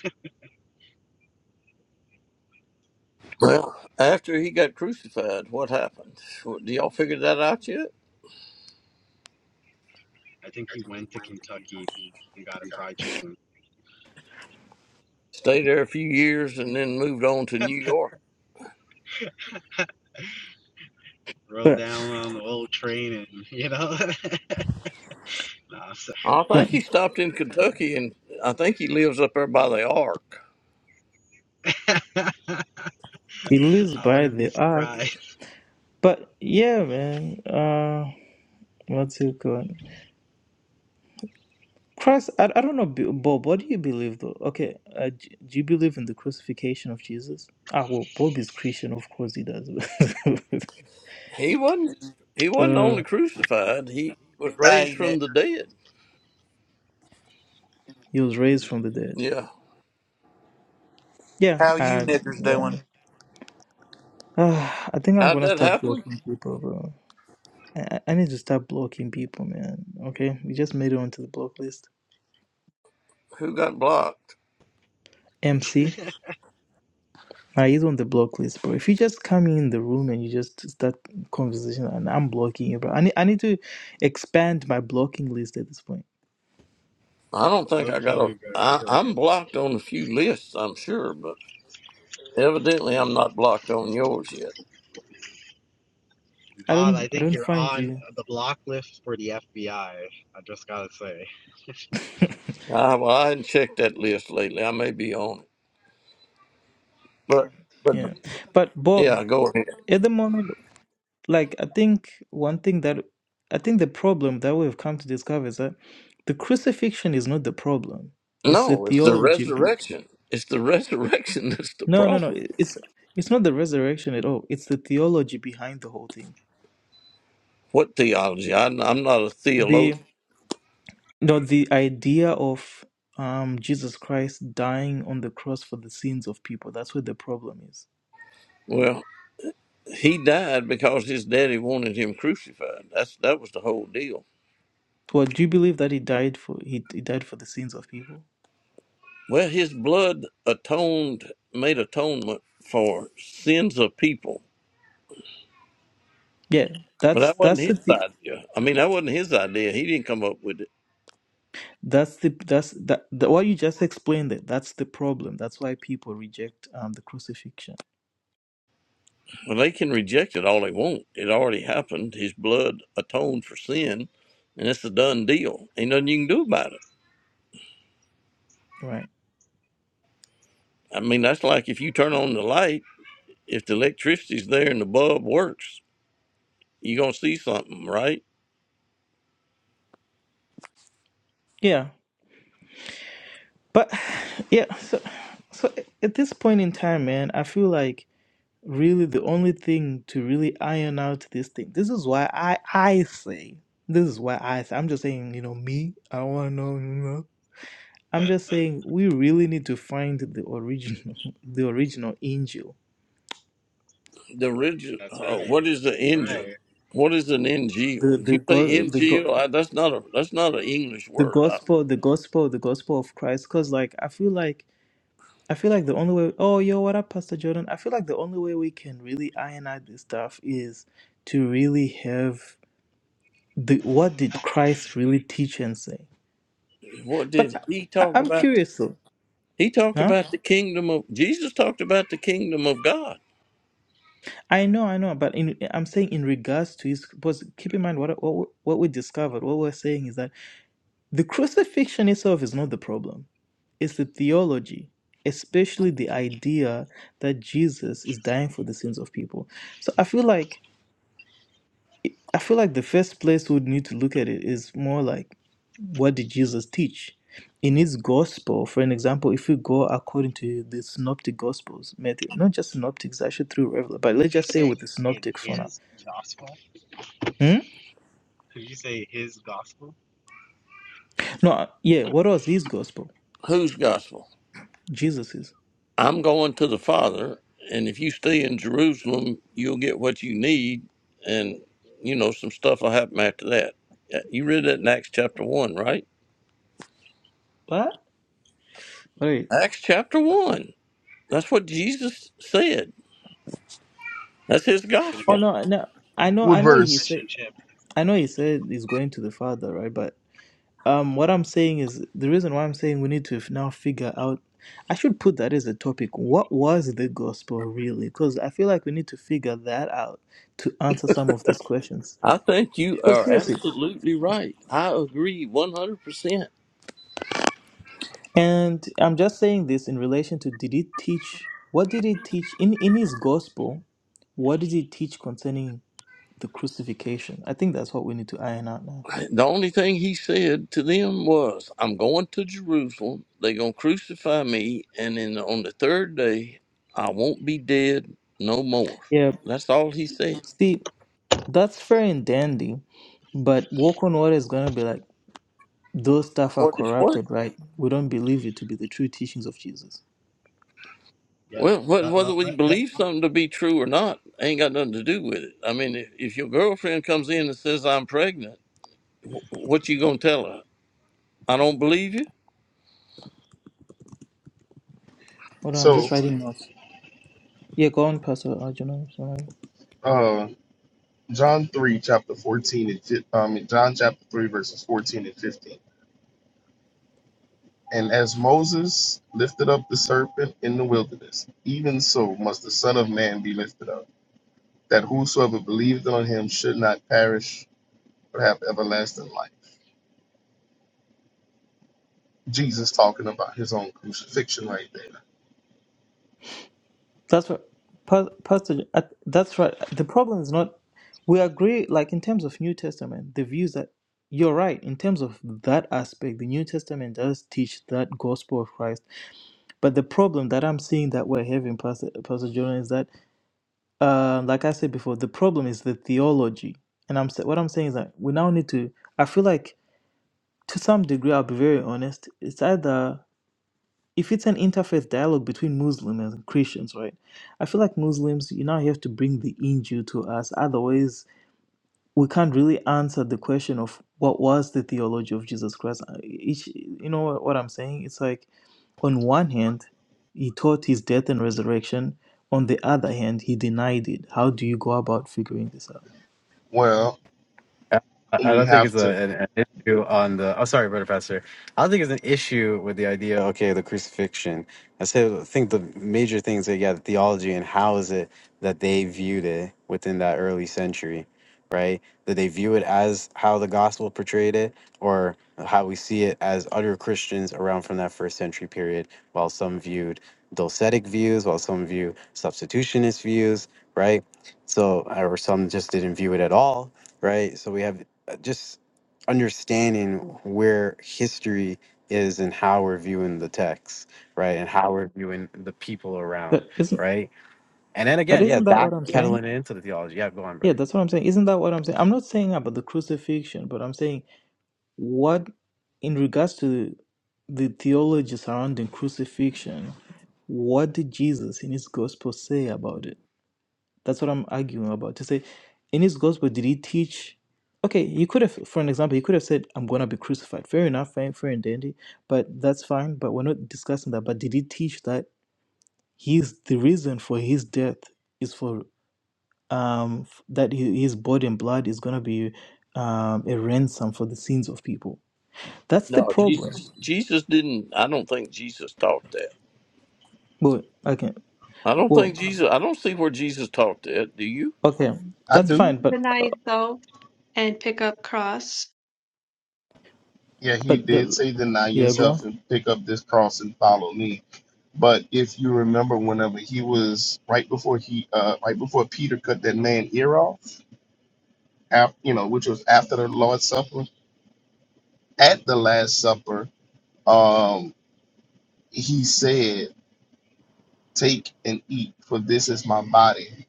S3: Well, after he got crucified, what happened? What- Do y'all figure that out yet?
S2: I think he went to Kentucky and got a fried chicken.
S3: Stayed there a few years and then moved on to New York.
S2: Rolled
S1: But,
S2: down on the old train and you know. (laughs) nah, I'm sorry.
S3: I think
S1: but
S3: he stopped in Kentucky, and I think he lives up there by the Ark.
S2: (laughs)
S1: he lives
S2: I
S1: by
S2: wouldn't be
S1: the ark.
S2: surprised.
S1: But yeah, man. Uh, what's it called? Christ, I, I don't know, B- Bob, what do you believe though? Okay, uh, do, do you believe in the crucifixion of Jesus? Ah, well, Bob is Christian, of course he does. (laughs)
S3: He wasn't. He wasn't
S1: uh,
S3: only crucified. He was raised
S4: Hey,
S3: from the
S4: niggers.
S3: dead.
S1: he was raised from the dead.
S3: Yeah.
S1: Yeah,
S4: How you
S1: I,
S4: niggers
S1: yeah.
S4: doing?
S1: Ah, I think I'm
S3: How'd
S1: gonna
S3: that
S1: start
S3: happen?
S1: blocking people, bro. I, I I need to start blocking people, man. Okay, we just made it onto the block list.
S3: Who got blocked?
S1: MC, now he's on the block list, bro. If you just come in the room and you just start conversation, and I'm blocking you, bro. I need, I need to expand my blocking list at this point.
S3: I don't think
S2: Don't
S3: I got
S2: kill me,
S3: a.
S2: brother
S3: I, I'm
S2: Garchilius.
S3: blocked on a few lists, I'm sure, but evidently I'm not blocked on yours yet.
S1: I
S2: Bob,
S1: don't
S2: I
S1: I
S2: think
S1: don't
S2: you're
S1: find
S2: on
S1: you.
S2: the block list for the FBI. I I just gotta say.
S3: I, well, I hadn't checked that list lately. I may be on it, but but
S1: Yeah. But Bob,
S3: yeah, go ahead.
S1: at the moment, like I think one thing that I think the problem that we've come to discover is that the crucifixion is not the problem. It's the
S3: No, it's the
S1: theology. be-
S3: resurrection. It's the resurrection (laughs) that's the
S1: No, no, no.
S3: problem.
S1: it- It's it's not the resurrection at all. It's the theology behind the whole thing.
S3: What theology? I, I'm not a theologian.
S1: The no the idea of um Jesus Christ dying on the cross for the sins of people. That's where the problem is.
S3: Well, he died because his daddy wanted him crucified. That's that was the whole deal.
S1: Well, do you believe that he died for he, he died for the sins of people?
S3: Well, his blood atoned, made atonement for sins of people,
S1: Yeah,
S3: but
S1: that's
S3: that wasn't
S1: that's
S3: his
S1: the thi-
S3: idea. I mean, that wasn't his idea. He didn't come up with it.
S1: that's the that's that the, what you just explained. It that's the problem. That's why people reject um the crucifixion,
S3: Well, they can reject it all they want. It already happened. His blood atoned for sin, and it's a done deal. Ain't nothing you can do about it.
S1: right?
S3: I mean, that's like if you turn on the light, if the electricity's there and the bulb works, you're going to see something, right?
S1: Yeah, but (sighs) yeah, so so at this point in time, man, I feel like really the only thing to really iron out this thing. This is why I I say this is why I say, I'm just saying you know me. I don't want to know. You know.
S2: (laughs)
S1: I'm just saying we really need to find the original (laughs) the original angel
S3: The original,
S2: That's
S3: oh,
S2: right.
S3: what is the angel?
S2: Right.
S3: What is an angel?
S1: the
S3: You
S1: the
S3: say
S1: God the God.
S3: angel? I, that's not a that's not an English
S1: the
S3: word. I,
S1: gospel, the gospel, the gospel of Christ. Cause like I feel like I feel like the only way oh yo, what up, Pastor Jordan? I feel like the only way we can really iron out this stuff is to really have the what did Christ really teach and say?
S3: what did
S1: But
S3: he
S1: I,
S3: talked
S1: I'm
S3: about?
S1: curious though.
S3: He talked
S1: Huh?
S3: about the kingdom of Jesus. Talked about the kingdom of God.
S1: I know, I know, but in I'm saying in regards to his because keep in mind what what what we discovered, what we're saying is that the crucifixion itself is not the problem. is the theology, especially the idea that Jesus is dying for the sins of people. So I feel like I feel like the first place we would need to look at it is more like what did Jesus teach? In his gospel, for an example, if we go according to the synoptic gospels method, not just synoptics, actually through Revelation, but let's
S2: Did you
S1: just say
S2: say
S1: with the
S2: in
S1: synoptics for now.
S2: his gospel?
S1: Hmm?
S2: Did you say his gospel?
S1: No, yeah, what was his gospel?
S3: Whose gospel?
S1: Jesus's.
S3: I'm going to the Father, and if you stay in Jerusalem, you'll get what you need, and you know some stuff will happen after that. Uh, You read that in Acts chapter one, right?
S1: What? Wait.
S3: Acts chapter one. That's what Jesus said. That's his
S2: He's gonna
S1: Oh
S3: gospel.
S2: get
S1: no, no. I
S2: he
S1: know
S2: he
S5: What
S1: I
S2: got
S1: know
S2: some
S1: he
S2: fish
S5: verse?
S1: said
S2: and chip.
S1: I know he said he's going to the Father, right? But Um, what I'm saying is the reason why I'm saying we need to f- now figure out. I should put that as a topic. What was the gospel really? Because I feel like we need to figure that out to answer some of these questions.
S3: I think you
S2: Yeah.
S1: Well,
S3: are
S1: seriously,
S3: absolutely right. I agree 100%.
S1: and I'm just saying this in relation to did he teach? What did he teach in in his gospel? What did he teach concerning the crucifixion? I think that's what we need to iron out now.
S3: The only thing he said to them was, I'm going to Jerusalem. They're going to crucify me. And then on the third day, I won't be dead no more.
S1: Yeah.
S3: That's all he said.
S1: See, that's fair and dandy, but walk on water is gonna be like. those stuff are
S3: What is what?
S1: corrupted, right? We don't believe it to be the true teachings of Jesus.
S2: Yeah.
S3: Well, wh-
S2: Let,
S3: whether
S2: let,
S3: we
S2: let, let-
S3: believe something to be true or not ain't got nothing to do with it. I mean, if, if your girlfriend comes in and says, I'm pregnant, wh- what you going to tell her? I don't believe you?
S1: Hold on,
S2: That's
S1: I'm
S2: a
S5: So,
S1: just
S2: good point.
S1: writing notes. Yeah, go on, Pastor Arjuna. Sorry.
S5: uh, John 3, chapter 14, and fif- um, John chapter 3, verses 14 and 15. And as Moses lifted up the serpent in the wilderness, even so must the Son of Man be lifted up, that whosoever believeth on him should not perish, but have everlasting life. Jesus talking about his own crucifixion right there.
S1: That's right, Pa- Pastor. uh, That's right. The problem is not. We agree, like in terms of New Testament, the views that you're right in terms of that aspect. The New Testament does teach that gospel of Christ, but the problem that I'm seeing that we're having, Pastor Pastor Jonah, is that, uh, like I said before, the problem is the theology. And I'm sa- what I'm saying is that we now need to. I feel like To some degree, I'll be very honest. It's either if it's an interfaith dialogue between Muslims and Christians, right? I feel like Muslims, you now have to bring the injil to us. Otherwise, we can't really answer the question of what was the theology of Jesus Christ. Uh, Each, you know what what I'm saying? It's like, on one hand, he taught his death and resurrection. On the other hand, he denied it. How do you go about figuring this out?
S5: Well,
S2: I I
S5: we
S2: don't think it's
S5: have
S2: a,
S5: to.
S2: an, an issue on the. Oh, sorry, brother pastor. I don't think it's an issue with the idea. Okay, the crucifixion. I said I think the major things that yeah, the theology and how is it that they viewed it within that early century, right? Did they view it as how the gospel portrayed it, or how we see it as other Christians around from that first century period? While some viewed docetic views, while some view substitutionist views, right? So, or some just didn't view it at all right? So we have uh, just understanding where history is and how we're viewing the text, right? And how we're viewing the people around,
S1: But isn't
S2: right? And then
S1: but
S2: again, yeah,
S1: isn't that what I'm saying?
S2: backpedaling into the theology. Yeah, go on,
S1: Yeah,
S2: brother.
S1: that's what I'm saying. Isn't that what I'm saying? I'm not saying about the crucifixion, but I'm saying what, in regards to the theology surrounding crucifixion, what did Jesus in his gospel say about it? That's what I'm arguing about. To say, in his gospel, did he teach? Okay, he could have, for an example, he could have said, I'm going to be crucified. Fair enough, fine, fair and dandy, but that's fine. But we're not discussing that. But did he teach that he's the reason for his death is for um, f- that he, his body and blood is going to be um, a ransom for the sins of people. That's the
S3: No,
S1: problem.
S3: Jesus. Jesus didn't. I don't think Jesus taught that.
S1: Well, okay,
S3: I don't think
S1: well,
S3: Jesus. I don't see where Jesus taught that. Do you?
S1: okay,
S5: I
S1: that's
S5: do.
S1: fine, but
S6: deny self and pick up cross.
S5: Yeah, he
S1: but
S5: did
S1: the
S5: say, deny
S1: yeah, go
S5: yourself
S1: on.
S5: and pick up this cross and follow me. But if you remember, whenever he was right before he, uh, right before Peter cut that man ear off, after, you know, which was after the Lord's Supper, at the Last Supper, um, he said, "Take and eat, for this is my body,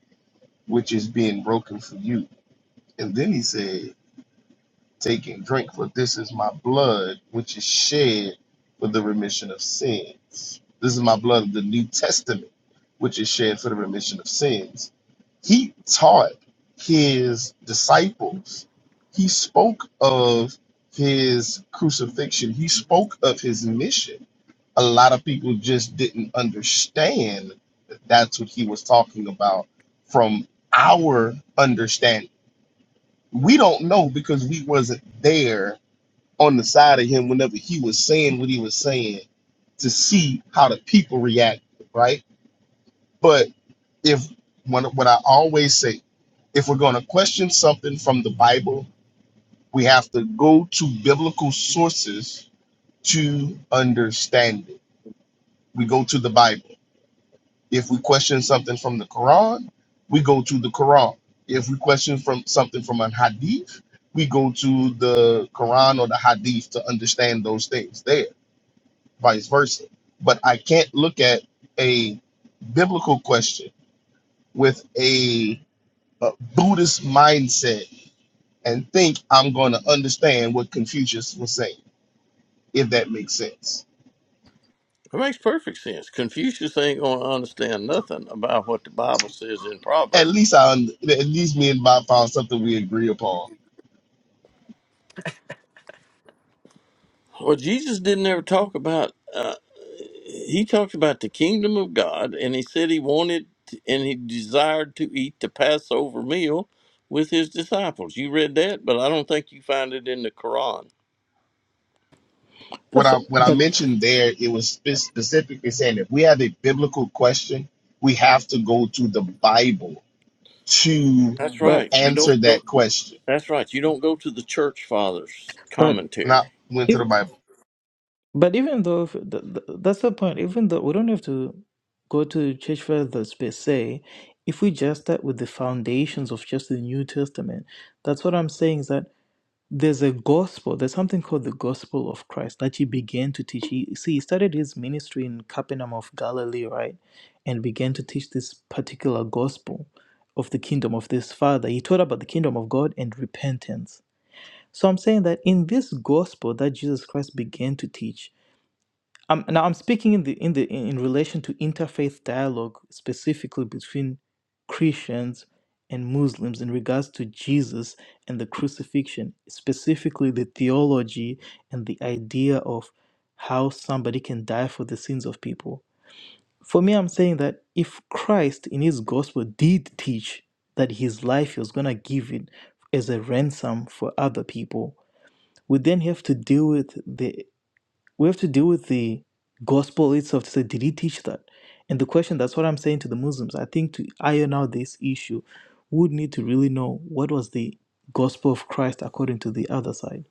S5: which is being broken for you." And then he said, Take and drink, for this is my blood, which is shed for the remission of sins. This is my blood of the New Testament, which is shed for the remission of sins. He taught his disciples. He spoke of his crucifixion. He spoke of his mission. A lot of people just didn't understand that that's what he was talking about from our understanding. We don't know because we wasn't there on the side of him whenever he was saying what he was saying to see how the people react, right? But if when, what I always say, if we're going to question something from the Bible, we have to go to biblical sources to understand it. We go to the Bible. If we question something from the Quran, we go to the Quran. If we question from something from a hadith, we go to the Quran or the hadith to understand those things there vice versa. But I can't look at a biblical question with a, a Buddhist mindset and think I'm going to understand what Confucius was saying, if that makes sense.
S3: It makes perfect sense. Confucius ain't going to understand nothing about what the Bible says in
S5: At
S3: Proverbs.
S5: least I, un- at least me and Bob found something we agree upon.
S3: Well, Jesus didn't ever talk about. Uh, he talked about the kingdom of God, and he said he wanted to- and he desired to eat the Passover meal with his disciples. You read that, but I don't think you find it in the Quran.
S5: When
S1: That's
S5: I when I
S1: but
S5: mentioned there, it was spe- specifically saying if we have a biblical question, we have to go to the Bible to
S3: That's
S1: but
S3: right. You
S5: answer
S3: don't go.
S5: that question.
S3: That's right. You don't go to the church fathers'
S1: but
S3: commentary.
S5: Not went to
S1: if
S5: the Bible.
S1: but even though if, th th that's the point. Even though we don't have to go to church fathers per se, if we just start with the foundations of just the New Testament, that's what I'm saying is that there's a gospel there's something called the gospel of christ that he began to teach he see he started his ministry in capernaum of galilee right and began to teach this particular gospel of the kingdom of this father he taught about the kingdom of god and repentance so i'm saying that in this gospel that jesus christ began to teach um, now I'm speaking in the in the in in relation to interfaith dialogue specifically between Christians and Muslims in regards to Jesus and the crucifixion, specifically the theology and the idea of how somebody can die for the sins of people. For me, I'm saying that if Christ in his gospel did teach that his life he was gonna give it as a ransom for other people, we then have to deal with the we have to deal with the gospel itself to say, did he teach that? And the question that's what I'm saying to the Muslims. I think to iron out this issue, we would need to really know what was the gospel of Christ according to the other side.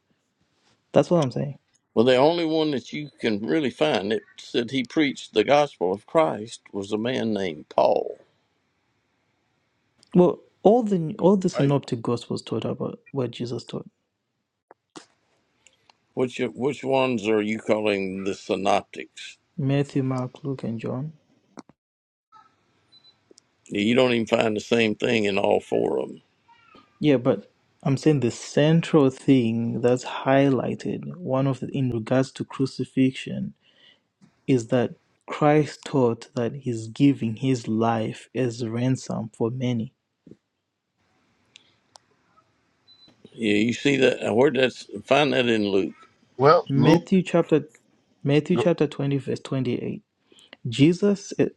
S1: That's what I'm saying.
S3: Well, the only one that you can really find that said he preached the gospel of Christ was a man named Paul,
S1: Well, all the all the
S3: right?
S1: synoptic gospels taught about what Jesus taught.
S3: Which which ones are you calling the synoptics?
S1: Matthew, Mark, Luke, and John.
S3: You don't even find the same thing in all four of them.
S1: Yeah, but I'm saying the central thing that's highlighted, one of the in regards to crucifixion is that Christ taught that he's giving his life as ransom for many.
S3: Yeah, you see that? Where that's find that in Luke?
S5: Well, Luke.
S1: Matthew chapter Matthew chapter 20 verse 28. Jesus eh,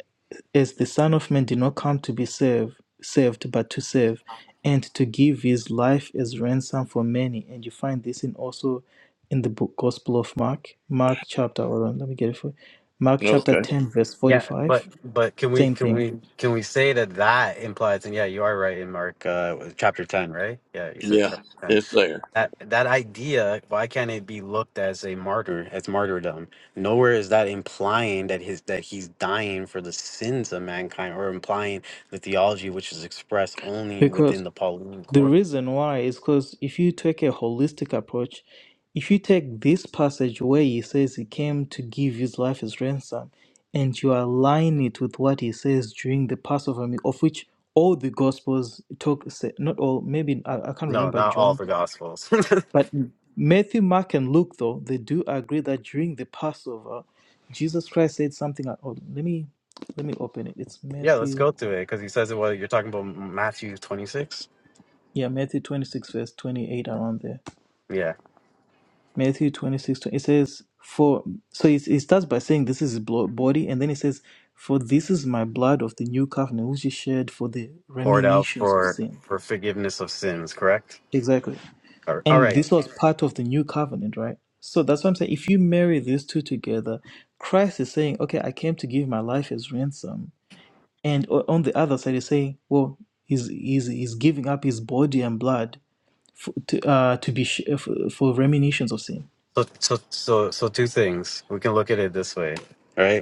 S1: as the son of man did not come to be served served but to serve and to give his life as ransom for many and you find this in also in the book Gospel of Mark Mark chapter hold on let me get it for you. Mark chapter
S3: Okay,
S1: 10 verse
S2: Yeah, but
S1: 45
S2: but can we
S1: same
S2: can
S1: thing
S2: we can we say that that implies? And yeah, you are right in Mark uh, chapter ten, right? Yeah, you said
S3: yeah,
S2: chapter ten
S3: it's there.
S2: that that idea why can't it be looked as a martyr as martyrdom nowhere is that implying that his that he's dying for the sins of mankind or implying the theology which is expressed only
S1: because
S2: within the pauline
S1: The
S2: corpus
S1: reason why is because if you take a holistic approach, if you take this passage where he says he came to give his life as ransom, and you align it with what he says during the Passover meal, of which all the Gospels talk, say- not all, maybe I, I can't
S2: no
S1: remember
S2: not all
S1: John,
S2: the gospels (laughs)
S1: but Matthew, Mark, and Luke, though, they do agree that during the Passover, Jesus Christ said something. like- Oh, let me let me open it. It's
S2: yeah let's
S1: Matthew,
S2: go through it because he says it well you're talking about matthew 26
S1: yeah, Matthew 26, verse 28, around there.
S2: yeah
S1: Matthew 26, it says, For so it, it starts by saying, This is his blo- body, and then it says, For this is my blood of the new covenant, which is shed for the
S2: poured out
S1: reminiscence of
S2: for
S1: sin.
S2: for forgiveness of sins correct
S1: Exactly.
S2: all right all
S1: And
S2: right
S1: this was part of the new covenant, right? So that's what I'm saying. If you marry these two together, Christ is saying, Okay, I came to give my life as ransom. And o- on the other side, he's saying, Well, he's, he's, he's giving up his body and blood for, to, uh, to be sh- for, for reminiscence of sin.
S2: so so so so two things we can look at it this way All right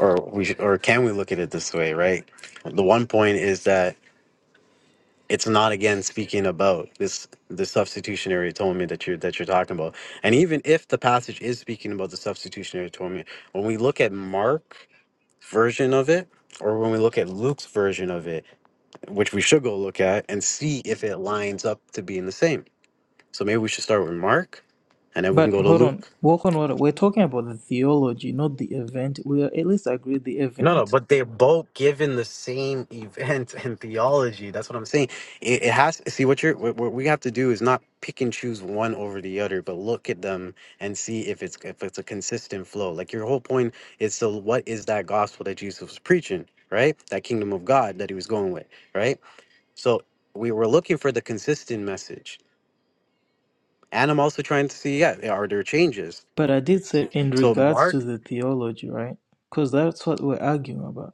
S2: or we should, or can we look at it this way right the one point is that it's not again speaking about this the substitutionary atonement that you're that you're talking about and even if the passage is speaking about the substitutionary atonement when we look at mark version of it or when we look at luke's version of it which we should go look at and see if it lines up to being the same so maybe we should start with mark and then we can
S1: But
S2: go to
S1: hold on,
S2: luke
S1: walk on water. We're talking about the theology, not the event. We are at least agree the
S2: No, no,
S1: event.
S2: but they're both given the same event and theology. That's what I'm saying. It, it has see what you're what, what we have to do is not pick and choose one over the other, but look at them and see if it's if it's a consistent flow. Like your whole point is so what is that gospel that Jesus was preaching, right? That kingdom of God that he was going with, right? So we were looking for the consistent message, and I'm also trying to see yeah are there changes.
S1: But I did say in
S2: So
S1: regards
S2: Mark
S1: to the theology, right? Because that's what we're arguing about.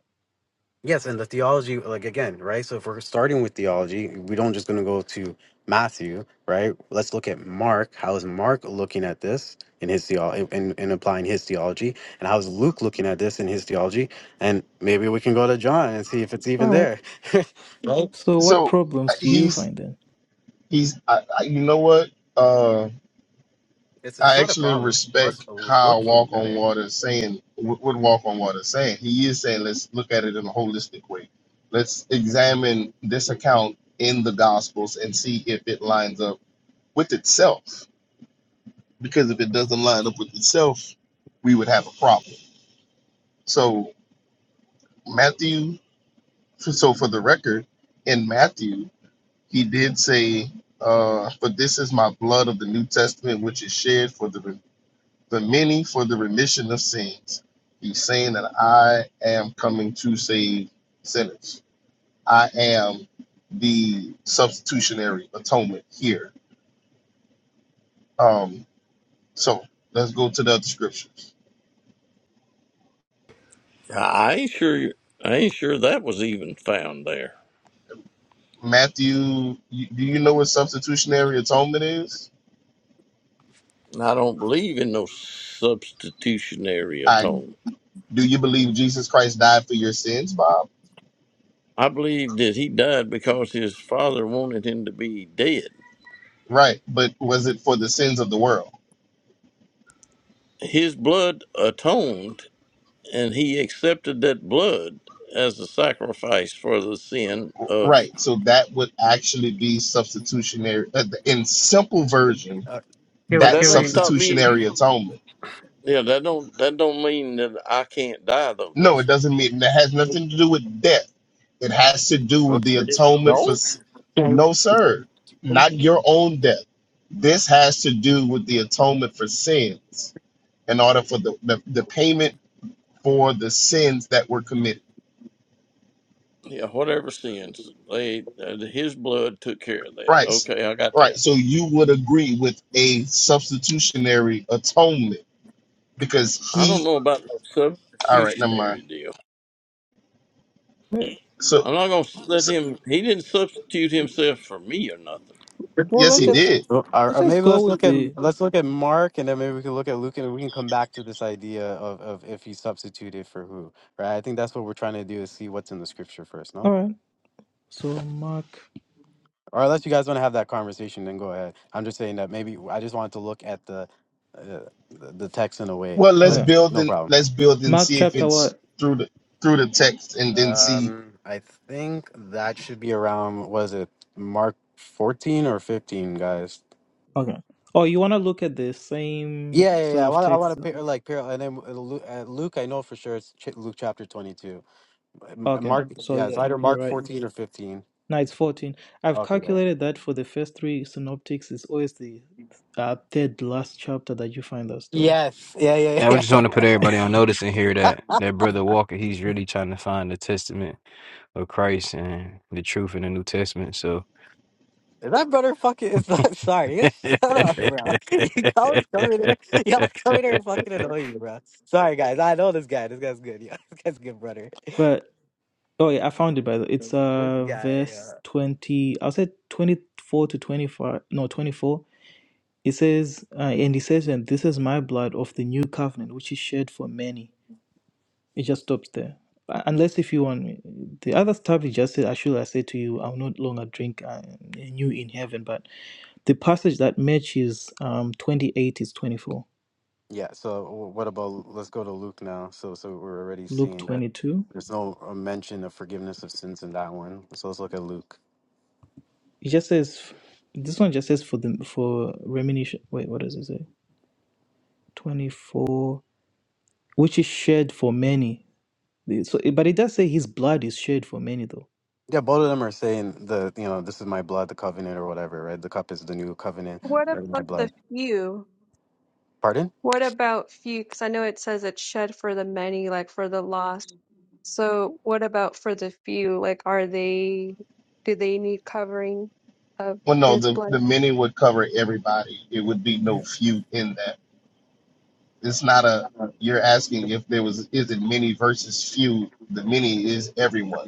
S2: Yes, and the theology, like again, right? So if we're starting with theology, we don't just going to go to Matthew, right? Let's look at Mark. How is Mark looking at this in his theology and, and applying his theology? And how is Luke looking at this in his theology? And maybe we can go to John and see if it's
S1: All
S2: even
S1: right.
S2: there, (laughs) right?
S1: So what
S5: So uh,
S1: problems do you
S5: he's
S1: find then?
S5: he's I, I, you know what? Uh,
S2: It's it's
S5: I
S2: not a
S5: actually
S2: problem. It's
S5: respect how
S2: looking
S5: Walk
S2: at
S5: on
S2: it.
S5: Water is saying what what Walk on Water is saying. He is saying let's look at it in a holistic way. Let's examine this account in the Gospels and see if it lines up with itself. Because if it doesn't line up with itself, we would have a problem. So Matthew. So for the record, in Matthew. he did say, uh, "For this is my blood of the New Testament, which is shed for the the many for the remission of sins." He's saying that I am coming to save sinners. I am the substitutionary atonement here. Um, so let's go to the other scriptures.
S3: I I ain't sure. I ain't sure that was even found there.
S5: Matthew, you- do you know what substitutionary atonement is?
S3: And I don't believe in no substitutionary
S5: I
S3: atonement.
S5: do you believe Jesus Christ died for your sins, Bob?
S3: I believe that he died because his father wanted him to be dead.
S5: Right, but was it for the sins of the world?
S3: His blood atoned, and he accepted that blood as a sacrifice for the sin of.
S5: Right. So that would actually be substitutionary. uh, the- In simple version,
S2: Uh,
S3: But that
S5: that's
S3: doesn't stop me and you
S5: substitutionary
S3: from.
S5: atonement.
S3: Yeah, that don't that don't mean that I can't die though,
S5: No,
S3: does
S5: it
S3: it?
S5: doesn't mean that has nothing to do with death. It has to do with
S2: okay.
S5: the
S3: It
S5: atonement for.
S3: don't.
S5: s- No, sir, not your own death. This has to do with the atonement for sins in order for the, the, the payment for the sins that were committed.
S3: Yeah, whatever sins they, uh, his blood took care of that.
S5: Right.
S3: Okay, I got
S5: Right.
S3: that.
S5: So you would agree with a substitutionary atonement because
S3: I don't
S5: he
S3: know about the
S5: All right, never
S3: substitutionary
S5: mind.
S3: deal.
S1: Let-
S5: So,
S3: I'm not gonna let
S5: so
S3: him. He didn't substitute himself for me or nothing.
S1: Well,
S5: yes,
S1: let's
S5: he
S2: Well,
S1: just
S5: did.
S2: Or,
S1: let's
S2: or
S1: just
S2: maybe
S1: go
S2: let's
S1: with
S2: look at
S1: the.
S2: let's look at Mark, and then maybe we can look at Luke, and we can come back to this idea of, of if he substituted for who, right? I think that's what we're trying to do is see what's in the scripture first,
S1: All
S2: no?
S1: right. So Mark.
S2: Or unless you guys want to have that conversation, then go ahead. I'm just saying that maybe I just wanted to look at the uh, the the text in a way,
S5: Well, let's
S2: but
S1: Okay.
S5: build
S2: no
S5: and
S2: problem.
S5: let's build and
S1: Mark
S5: see if
S1: chapter
S5: it's
S1: what?
S5: through the through the text, and then see.
S2: Um, I think that should be around was it Mark 14 or 15, guys?
S1: Okay. Oh, you want to look at the same
S2: Yeah, yeah,
S1: sort
S2: yeah. I
S1: of
S2: want, I want to
S1: text?
S2: pair like pair, and then uh, Lu- uh, Luke. I know for sure it's ch- Luke chapter twenty-two. M- uh,
S1: Okay.
S2: Mark,
S1: So
S2: yeah, it's
S1: yeah,
S2: either
S1: you're
S2: Mark
S1: right.
S2: fourteen or fifteen.
S1: Now it's 14. I've
S2: Okay, there.
S1: calculated that for the first three synoptics, it's always the uh, third last chapter that you find that story.
S2: Yes, yeah, yeah,
S7: And I
S2: yeah.
S7: just
S2: (laughs)
S7: want to put everybody on notice in here that that brother Walker, he's really trying to find the testament of Christ and the truth in the New Testament. So
S2: Is that brother fucking? Is that sorry? It's, shut up, bro. (laughs) You always coming here. Y'all coming
S7: (laughs)
S2: here and fucking annoy you, bro. Sorry, guys. I know this guy. This guy's good. Yeah, (laughs) this guy's a good brother.
S1: But oh yeah, I found it by the way. it's
S2: (laughs) This
S1: uh
S2: guy.
S1: verse 20. I'll say 24 to 25. No, 24. It says, uh, and he says, and this is my blood of the new covenant, which is shed for many. It just stops there. Uh, Unless if you want the other stuff, he just said, I should I say to you, I will not longer drink uh, new in heaven. But The passage that matches um, 28 is 24.
S2: Yeah. So wh- what about let's go to Luke now. So so we're already
S1: Luke
S2: seeing that
S1: 22.
S2: there's no uh, mention of forgiveness of sins in that one. So let's look at Luke.
S1: It just says, this one just says for the for remission. Wait, what does it say? 24, which is shed for many. The- So, but it does say his blood is shed for many, though.
S2: Yeah, both of them are saying the you know this is my blood, the covenant or whatever, right? The cup is the new covenant,
S6: What
S2: or my
S6: about the
S2: blood.
S6: few?
S2: Pardon?
S6: What about few? Because I know it says it's shed for the many, like for the lost. So what about for the few? Like, are they, do they need covering of
S5: Well, no,
S6: his
S5: the
S6: blood?
S5: the many would cover everybody. It would be no
S1: Yeah.
S5: few in that. It's not a. You're asking if there was is it many versus few. The many is everyone.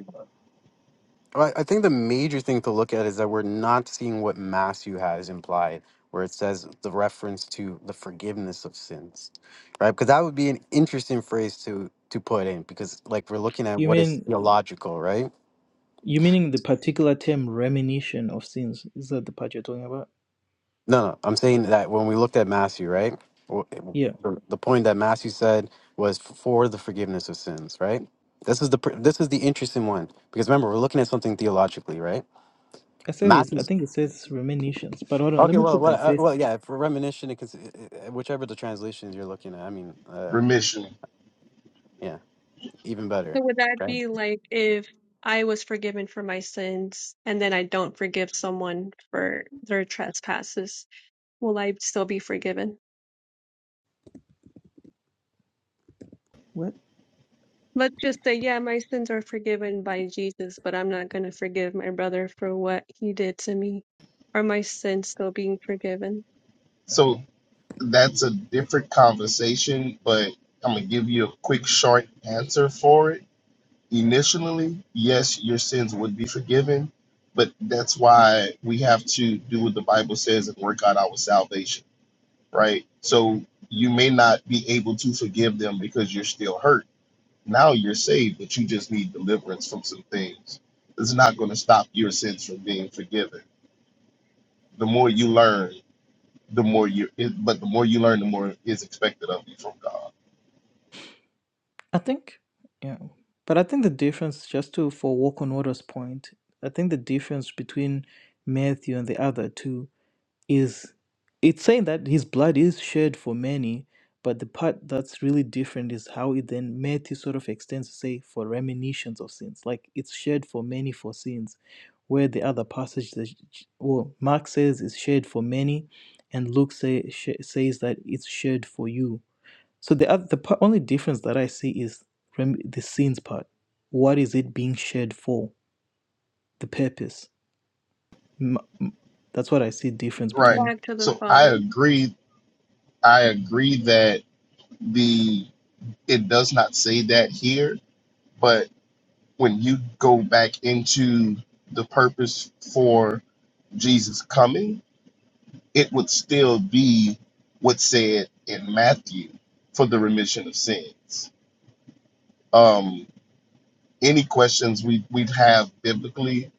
S2: Well, I I think the major thing to look at is that we're not seeing what Matthew has implied, where it says the reference to the forgiveness of sins, right? Because that would be an interesting phrase to to put in, because like we're looking at
S1: You
S2: what is
S1: mean
S2: theological, right?
S1: you meaning the particular term remission of sins? Is that the part you're talking about?
S2: No, no, I'm saying that when we looked at Matthew, right? w-
S1: Yeah.
S2: The the point that Matthew said was for the forgiveness of sins, right? This is the pr- this is the interesting one because remember we're looking at something theologically, right?
S1: I said is I
S2: Matthew's
S1: think it says reminiscence, but hold on, let
S2: Okay,
S1: me
S2: well,
S1: put
S2: well,
S1: them
S2: uh,
S1: face.
S2: well, yeah. For reminiscent, it cons- uh, uh, whichever the translations you're looking at, I mean, uh,
S5: Remission.
S2: yeah, even better,
S6: So would that
S2: right?
S6: be like if I was forgiven for my sins and then I don't forgive someone for their trespasses, will I still be forgiven?
S1: What?
S6: Let's just say, yeah, my sins are forgiven by Jesus, but I'm not going to forgive my brother for what he did to me. Are my sins still being forgiven?
S5: So that's a different conversation, but I'm gonna give you a quick short answer for it initially, yes, your sins would be forgiven, but that's why we have to do what the Bible says and work out our salvation, right? So you may not be able to forgive them because you're still hurt. Now you're saved, but you just need deliverance from some things. It's not going to stop your sins from being forgiven. The more you learn, the more you, it, but the more you learn, the more is expected of you from God.
S1: I think, yeah. But I think the difference, just to for Walk on Water's point, I think the difference between Matthew and the other two is it's saying that his blood is shed for many, but the part that's really different is how it then Matthew sort of extends to say for reminiscence of sins, like it's shed for many for sins, where the other passage that well Mark says is shed for many, and Luke say, sh- says that it's shed for you so the other, the part, only difference that I see is rem- the sins part. What is it being shared for? The purpose. M- m- that's what I see difference
S6: Come
S5: Right.
S1: between.
S6: back to the
S5: So
S6: Father.
S5: I agree. I agree that the it does not say that here, but when you go back into the purpose for Jesus coming, it would still be what's said in Matthew for the remission of sins. Um, any questions we, we'd have biblically,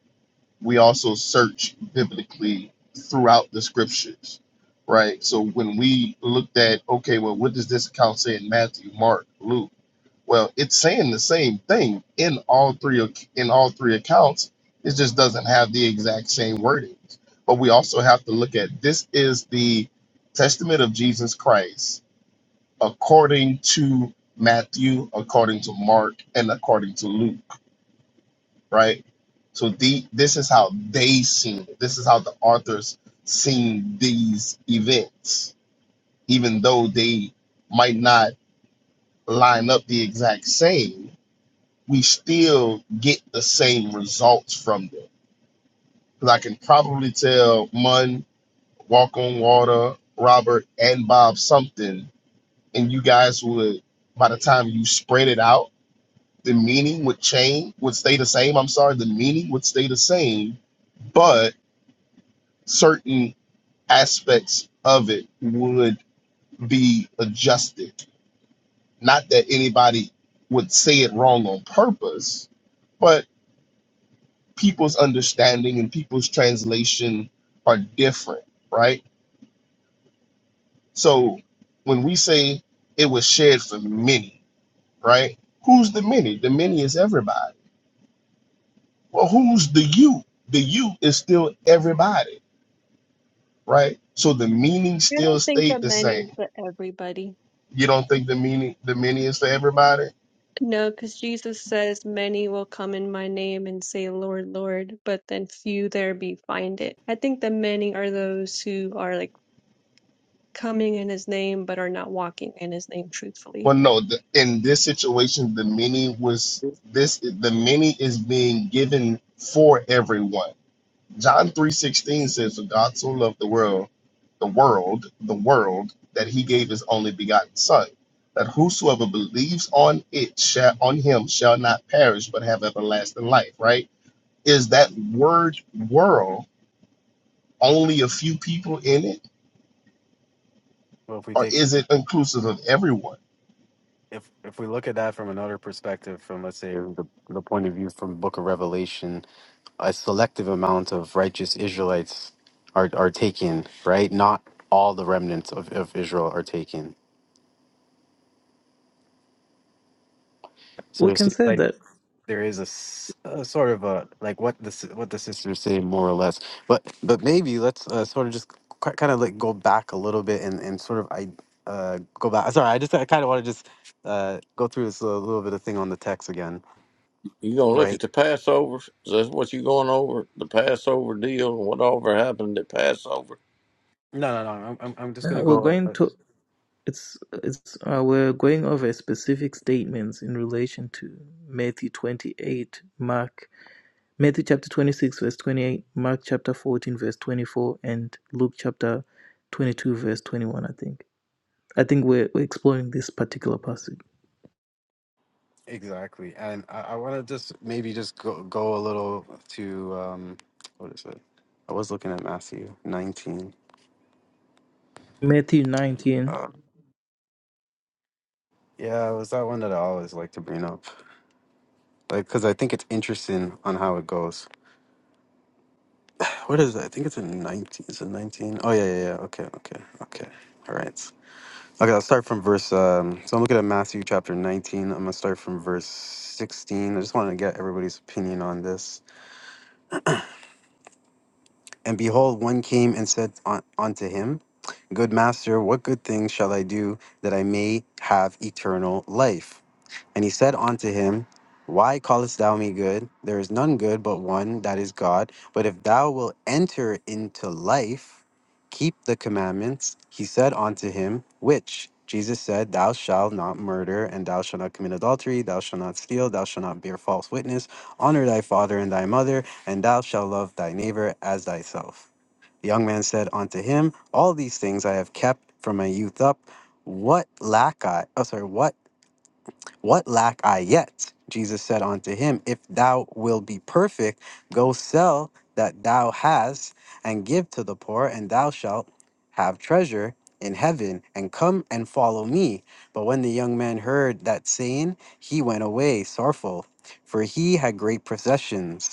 S5: we also search biblically throughout the scriptures, right? So when we looked at, okay, well, what does this account say in Matthew, Mark, Luke? Well, it's saying the same thing in all three ac- in all three accounts. It just doesn't have the exact same wording. But we also have to look at this is the testament of Jesus Christ according to Matthew, according to Mark, and according to Luke, right? So the this is how they seen it. This is how the authors seen these events, even though they might not line up the exact same we still get the same results from them. Because I can probably tell Mun, Walk on Water, Robert, and Bob something, and you guys would, by the time you spread it out, the meaning would change, would stay the same. I'm sorry, the meaning would stay the same, but certain aspects of it would be adjusted. Not that anybody would say it wrong on purpose, but. people's understanding and people's translation are different, right? So when we say it was shared for many, right? Who's the many? The many is everybody. Well, who's the you? The you is still everybody, right? So the meaning
S6: I
S5: still
S6: don't think
S5: stayed
S6: that
S5: the
S6: many,
S5: same.
S6: but everybody.
S5: You don't think the meaning the many is for everybody?
S6: No, because Jesus says, Many will come in my name and say, Lord, Lord, but then few there be find it. I think the many are those who are like coming in his name, but are not walking in his name truthfully.
S5: Well, no. The, in this situation, the many was
S2: Yes.
S5: this. The many is being given for everyone John 3:16 says, "For God so loved the world, the world, the world that he gave his only begotten son, that whosoever believes on it shall on him shall not perish but have everlasting life," right? Is that word world only a few people in it
S2: Well, if we
S5: or
S2: take
S5: is it inclusive of everyone?
S2: if if we look at that from another perspective, from let's say the, the point of view from Book of Revelation, a selective amount of righteous Israelites are are taken, right? Not all the remnants of, of Israel are taken. So
S1: We
S2: it
S1: can
S2: seems
S1: say
S2: like
S1: that
S2: there is a, s- a sort of a like what the s- what the sisters say more or less but but maybe let's uh, sort of just kind of like go back a little bit and and sort of i uh go back sorry i just i kind of want to just uh go through this little, little bit of thing on the text again
S3: you gonna look at
S2: right
S3: the Passover. That's what you going over the Passover deal and whatever happened at Passover.
S2: no no no i'm i'm, I'm just
S1: uh,
S2: gonna
S1: we're
S2: go
S1: going
S2: uh,
S1: to it's it's uh, we're going over specific statements in relation to Matthew twenty eight, Mark Matthew chapter twenty six verse twenty eight, Mark chapter fourteen verse twenty four, and Luke chapter twenty two verse twenty one. I think I think we're, we're exploring this particular passage.
S2: exactly and i, I want to just maybe just go go a little to um what is it i was looking at matthew 19
S1: Matthew nineteen.
S2: uh, yeah it was that one that i always like to bring up Like, cause I think it's interesting on how it goes. What is it? I think it's in nineteen. Is it nineteen? Oh yeah, yeah, yeah. Okay, okay, okay. All right. Okay, I'll start from verse. Um, so I'm looking at Matthew chapter nineteen. I'm gonna start from verse sixteen. I just want to get everybody's opinion on this. And behold, one came and said un- unto him, Good master, what good thing shall I do that I may have eternal life? And he said unto him, Why callest thou me good? There is none good but one, that is God. But if thou wilt enter into life, keep the commandments. He said unto him, Which? Jesus said, Thou shalt not murder, and thou shalt not commit adultery, thou shalt not steal, thou shalt not bear false witness, honor thy father and thy mother, and thou shalt love thy neighbor as thyself. The young man said unto him, All these things I have kept from my youth up. What lack I? Oh, sorry. What what lack I yet? Jesus said unto him, If thou wilt be perfect, go sell that thou hast and give to the poor, and thou shalt have treasure in heaven, and come and follow me. But when the young man heard that saying, he went away sorrowful, for he had great possessions.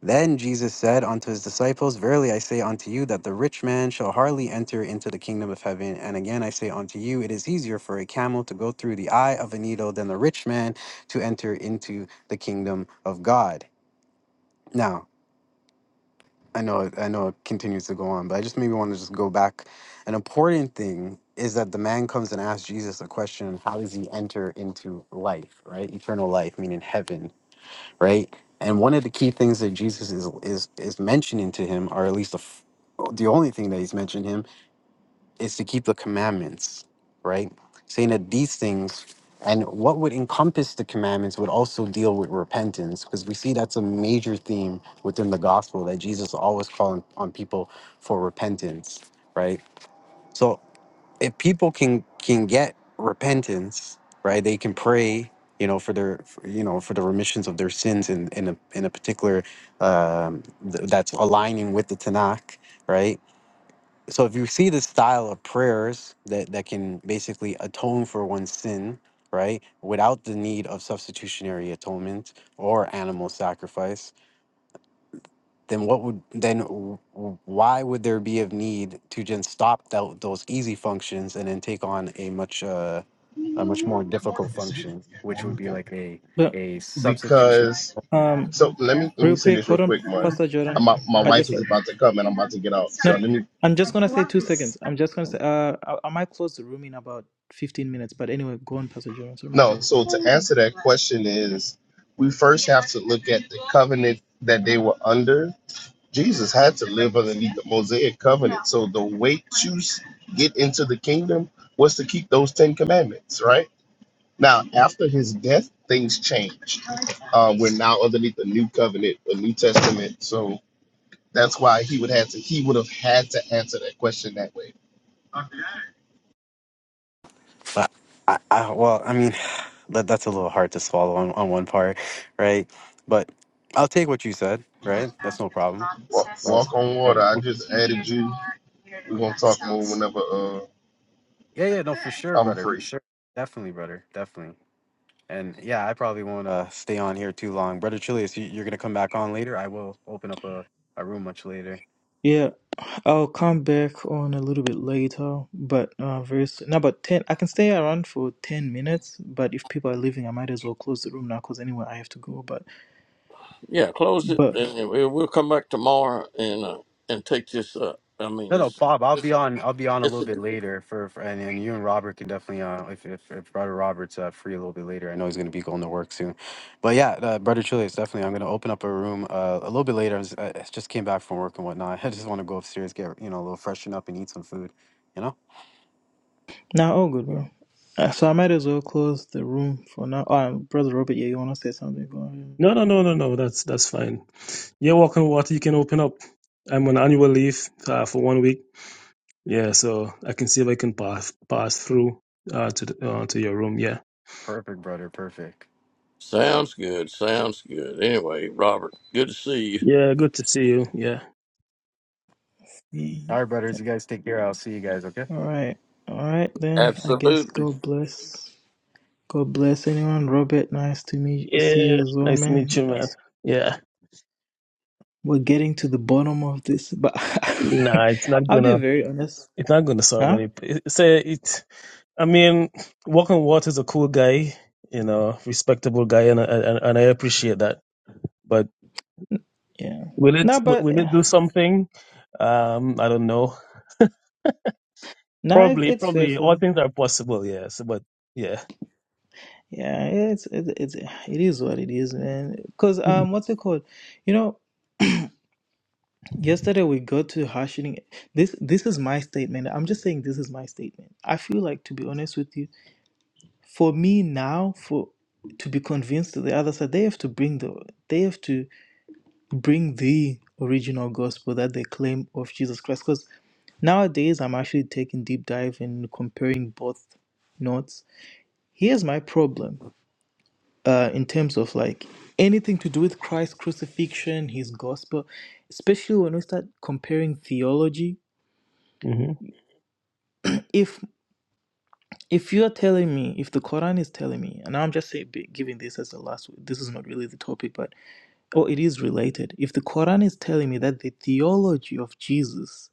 S2: Then Jesus said unto his disciples, Verily I say unto you that the rich man shall hardly enter into the kingdom of heaven. And again I say unto you, it is easier for a camel to go through the eye of a needle than the rich man to enter into the kingdom of God. Now, I know it- I know it continues to go on, but I just maybe want to just go back. An important thing is that the man comes and asks Jesus a question, how does he enter into life, right? Eternal life, meaning heaven right? And one of the key things that Jesus is is is mentioning to him, or at least the f- the only thing that he's mentioning him, is to keep the commandments, right? Saying that these things and what would encompass the commandments would also deal with repentance, because we see that's a major theme within the gospel that Jesus always calling on people for repentance, right? So if people can can get repentance right they can pray you know for their for, you know for the remissions of their sins in in a, in a particular um th- that's aligning with the tanakh right so if you see this style of prayers that that can basically atone for one's sin right without the need of substitutionary atonement or animal sacrifice then what would then w- w- why would there be of need to just stop tho- those easy functions and then take on a much uh, a much more difficult function, which would be like a
S1: But
S2: a substitution.
S5: Because
S2: atonement?
S1: um,
S5: so let me let me
S1: real
S5: say
S1: quick,
S5: this real
S1: hold on,
S5: quick, man.
S1: Pastor Jordan.
S5: My, my
S1: I
S5: wife
S1: just
S5: is about to come and I'm about to get out.
S1: no,
S5: So
S1: no.
S5: let me
S1: I'm just gonna say two seconds. I'm just gonna say uh, I, I might close the room in about 15 minutes. But anyway, go on, Pastor Jordan. Sorry, my
S5: No,
S1: bad.
S5: so to answer that question is we first have to look at the covenant that they were under. Jesus had to live underneath the Mosaic covenant. So the way to s- get into the kingdom was to keep those 10 commandments, right? Now, after his death, things changed. Um, we're now underneath the new covenant, the new testament. So that's why he would have to he would have had to answer that question that way.
S2: But I, I well, I mean, (sighs) that, that's a little hard to swallow on, on one part, right? But I'll take what you said, right? That's no problem.
S5: Walk,
S2: But
S5: walk on
S2: I-
S5: water. I just added you. We're gonna talk more whenever. uh,
S2: yeah, yeah, no, for sure,
S5: I'm
S2: brother, for
S5: free.
S2: sure, definitely, brother, definitely. And yeah, I probably won't uh, stay on here too long. Brother Chilius, you, you're gonna come back on later. I will open up a, a room much later.
S1: Yeah, I'll come back on a little bit later, but uh, very soon. No, but 10. I can stay around for 10 minutes. But if people are leaving, I might as well close the room now because anyway, I have to go. But
S3: Yeah, close it,
S1: but
S3: and and we- we'll come back tomorrow and uh, and take this up. I mean,
S2: No, no,
S3: it's
S2: Bob, I'll
S3: it's,
S2: be on. I'll be on a
S3: it's
S2: little
S3: a,
S2: bit later for, for and, and you and Robert can definitely uh, if, if if Brother Robert's uh, free a little bit later. I know he's gonna be going to work soon, but yeah, uh, Brother Chilius, definitely. I'm gonna open up a room uh, a little bit later. I, was, I just came back from work and whatnot. (laughs) I just want to go upstairs, get you know a little freshen up and eat some food. You know.
S1: Nah, all good, bro. Uh, So I might as well close the room for now. Oh, um, brother Robert, yeah, you want to say something? Go ahead.
S8: No, no, no, no, no. That's that's fine. Yeah, walking water, you can open up. I'm on annual leave uh, for one week. Yeah, so I can see if I can pass pass through uh, to the, uh, to your room. Yeah.
S2: Perfect, brother. Perfect.
S3: sounds good. Sounds good. Anyway, Robert, good to see you.
S8: Yeah, good to see you. Yeah.
S2: All right,
S1: Yeah.
S2: brothers. You guys take care. I'll see you guys. Okay.
S1: All right, all right then. I guess
S3: Absolutely.
S1: God bless. God bless anyone. Robert, nice to meet see
S8: Yeah,
S1: you as well,
S8: nice to meet
S1: man.
S8: you, man.
S1: Yes.
S8: Yeah.
S1: We're getting to the bottom of this, but
S8: Nah, it's
S1: (laughs)
S8: not
S1: I'll be
S8: gonna.
S1: very honest,
S8: It's not gonna solve
S1: huh?
S8: any. Say it. I mean, walking water is a cool guy, you know, respectable guy, and and, and I appreciate that. But
S1: Yeah.
S8: will it
S1: Nah, but
S8: will it
S1: yeah.
S8: do something? Um, I don't know.
S1: nah, it,
S8: Probably,
S1: it's
S8: probably all
S1: faithful.
S8: things are possible. Yes, but yeah,
S1: Yeah, it's it, it's it is what it is, man. Cause um, what's it called? You know, Yesterday we got to hashing this this is my statement. I'm just saying this is my statement. I feel like to be honest with you, for me now for to be convinced to the other side, they have to bring the they have to bring the original gospel that they claim of Jesus Christ. Because nowadays I'm actually taking deep dive and comparing both notes. Here's my problem, uh, in terms of like anything to do with Christ's crucifixion, his gospel, especially when we start comparing theology.
S8: hmm
S1: if you're telling me if the quran is telling me and i'm just saying, be- giving this as the last this is not really the topic but oh it is related if the quran is telling me that the theology of jesus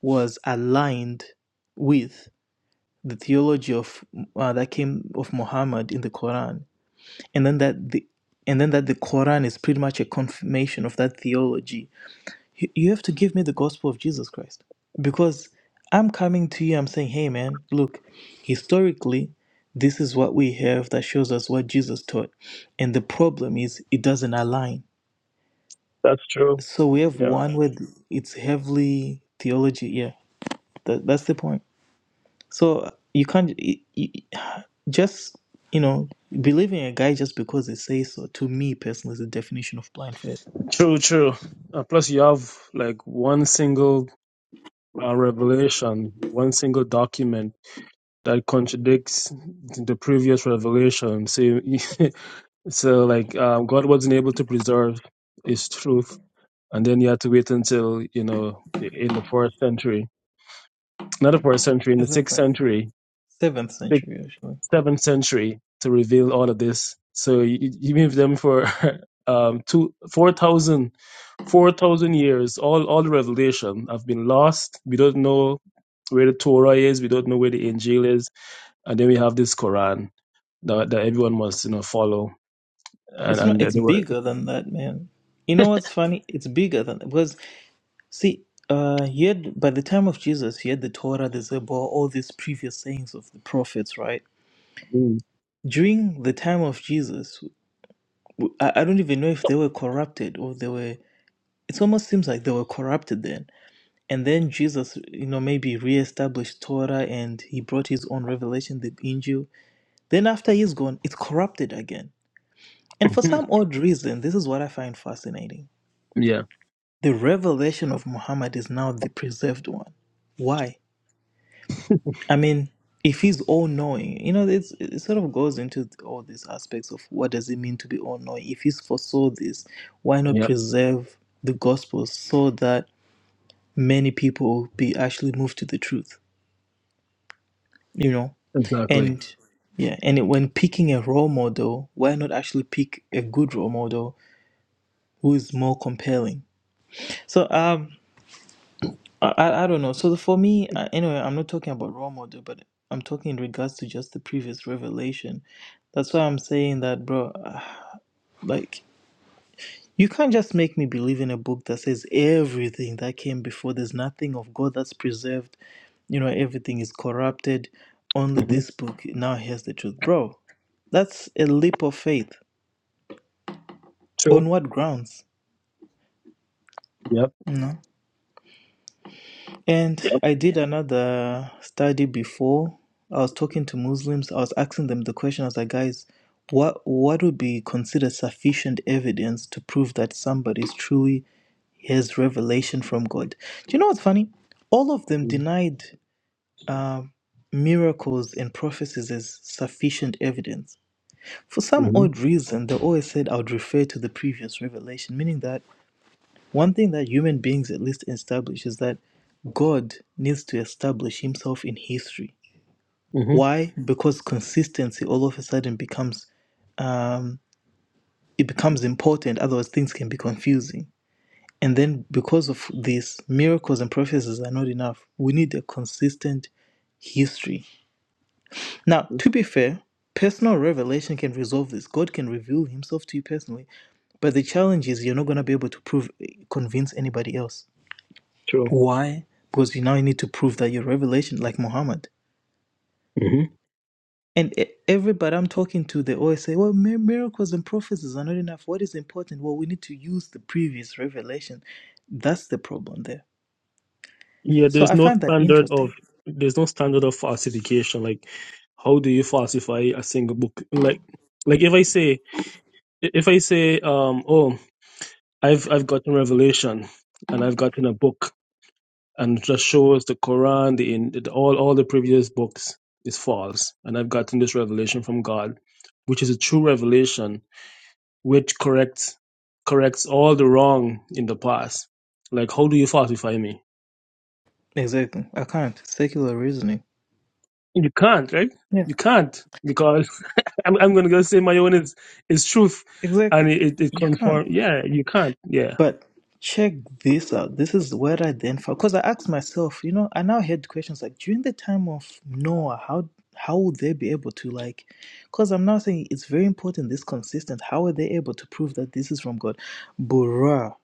S1: was aligned with the theology of uh, that came of muhammad in the quran and then that the and then that the quran is pretty much a confirmation of that theology you, you have to give me the gospel of Jesus Christ. Because I'm coming to you, I'm saying, hey, man, look, historically, this is what we have that shows us what Jesus taught. And the problem is, it doesn't align.
S8: That's true.
S1: So we have
S8: Yeah.
S1: one where it's heavily theology. Yeah, that, that's the point. So you can't y- y- just, you know, believing a guy just because they say so, to me personally, is the definition of blind faith.
S8: True, true. Uh, plus, you have like one single uh, revelation, one single document that contradicts the previous revelation. So, you, (laughs) so like um, God wasn't able to preserve His truth, and then you had to wait until you know in the fourth century, not the fourth century, in the sixth
S1: Exactly.
S8: century.
S1: Seventh century.
S8: seventh century to reveal all of this. So you, you be with them for (laughs) um, two, 4,000 4,000 years. All, all the revelation have been lost. We don't know where the Torah is. We don't know where the Injil is. And then we have this Quran that, that everyone must, you know, follow. And,
S1: It's not.
S8: and
S1: It's
S8: they were,
S1: bigger than that, man. You know what's funny? It's bigger than because see, uh, he had by the time of Jesus, he had the Torah, the Zebor, all these previous sayings of the prophets, right?
S8: Mm.
S1: During the time of Jesus, w- I I don't even know if they were corrupted or they were. It almost seems like they were corrupted then. And then Jesus, you know, maybe reestablished Torah and he brought his own revelation, the Injil. Then after he's gone, it's corrupted again. And for
S8: (laughs)
S1: some odd reason, this is what I find fascinating
S8: yeah,
S1: The revelation of Muhammad is now the preserved one. Why? I mean, if he's all knowing, you know, it's, it sort of goes into all these aspects of what does it mean to be all knowing. If he's foresaw this, why not
S8: yep,
S1: preserve the gospel so that many people be actually moved to the truth, you know?
S8: exactly.
S1: And yeah, and it, when picking a role model, why not actually pick a good role model who is more compelling? So, um, I, I I don't know. So for me, uh, anyway, I'm not talking about role model, but I'm talking in regards to just the previous revelation. That's why I'm saying that, bro. (sighs) ah, Like, you can't just make me believe in a book that says everything that came before. There's nothing of God that's preserved. You know, everything is corrupted. Only
S8: hmm
S1: this book now hears the truth, bro. That's a leap of faith. On
S8: True.
S1: what grounds?
S8: Yep.
S1: No. And
S8: Yep.
S1: I did another study before. I was talking to Muslims. I was asking them the question. I was like, guys, what what would be considered sufficient evidence to prove that somebody is truly has revelation from God? Do you know what's funny? All of them denied uh, miracles and prophecies as sufficient evidence. For some
S8: hmm
S1: odd reason, they always said I would refer to the previous revelation, meaning that one thing that human beings at least establish is that God needs to establish himself in history.
S8: hmm
S1: Why? Because consistency all of a sudden becomes um, it becomes important, otherwise things can be confusing. And then because of this, miracles and prophecies are not enough. We need a consistent history. Now, to be fair, personal revelation can resolve this. God can reveal himself to you personally. But the challenge is you're not going to be able to prove convince anybody else.
S8: True.
S1: Why? Because you now need to prove that you're revelation like Muhammad.
S8: Mm-hmm.
S1: And e- everybody I'm talking to, they always say, well, mi- miracles and prophecies are not enough. What is important? Well, we need to use the previous revelation. That's the problem there.
S8: Yeah,
S1: So
S8: there's
S1: I
S8: no
S1: find that
S8: standard of
S1: interesting.
S8: there's no standard of falsification. Like, how do you falsify a single book? Like, like if I say if I say, um, oh, I've I've gotten Revelation, and I've gotten a book, and it just shows the Quran, the, in- the all all the previous books is false, and I've gotten this revelation from God, which is a true revelation, which corrects corrects all the wrong in the past. Like, how do you falsify me?
S1: Exactly. I can't. Secular reasoning.
S8: You can't, right?
S1: Yeah,
S8: You can't because I'm, I'm going to go say my own is, is truth.
S1: exactly.
S8: And it, it, it
S1: You can't.
S8: confirm. Yeah, you can't. Yeah.
S1: But check this out. This is where I then found because I asked myself, you know, I now had questions like during the time of Noah, how how would they be able to like? Because I'm now saying it's very important. This consistent. How are they able to prove that this is from God? Bruh.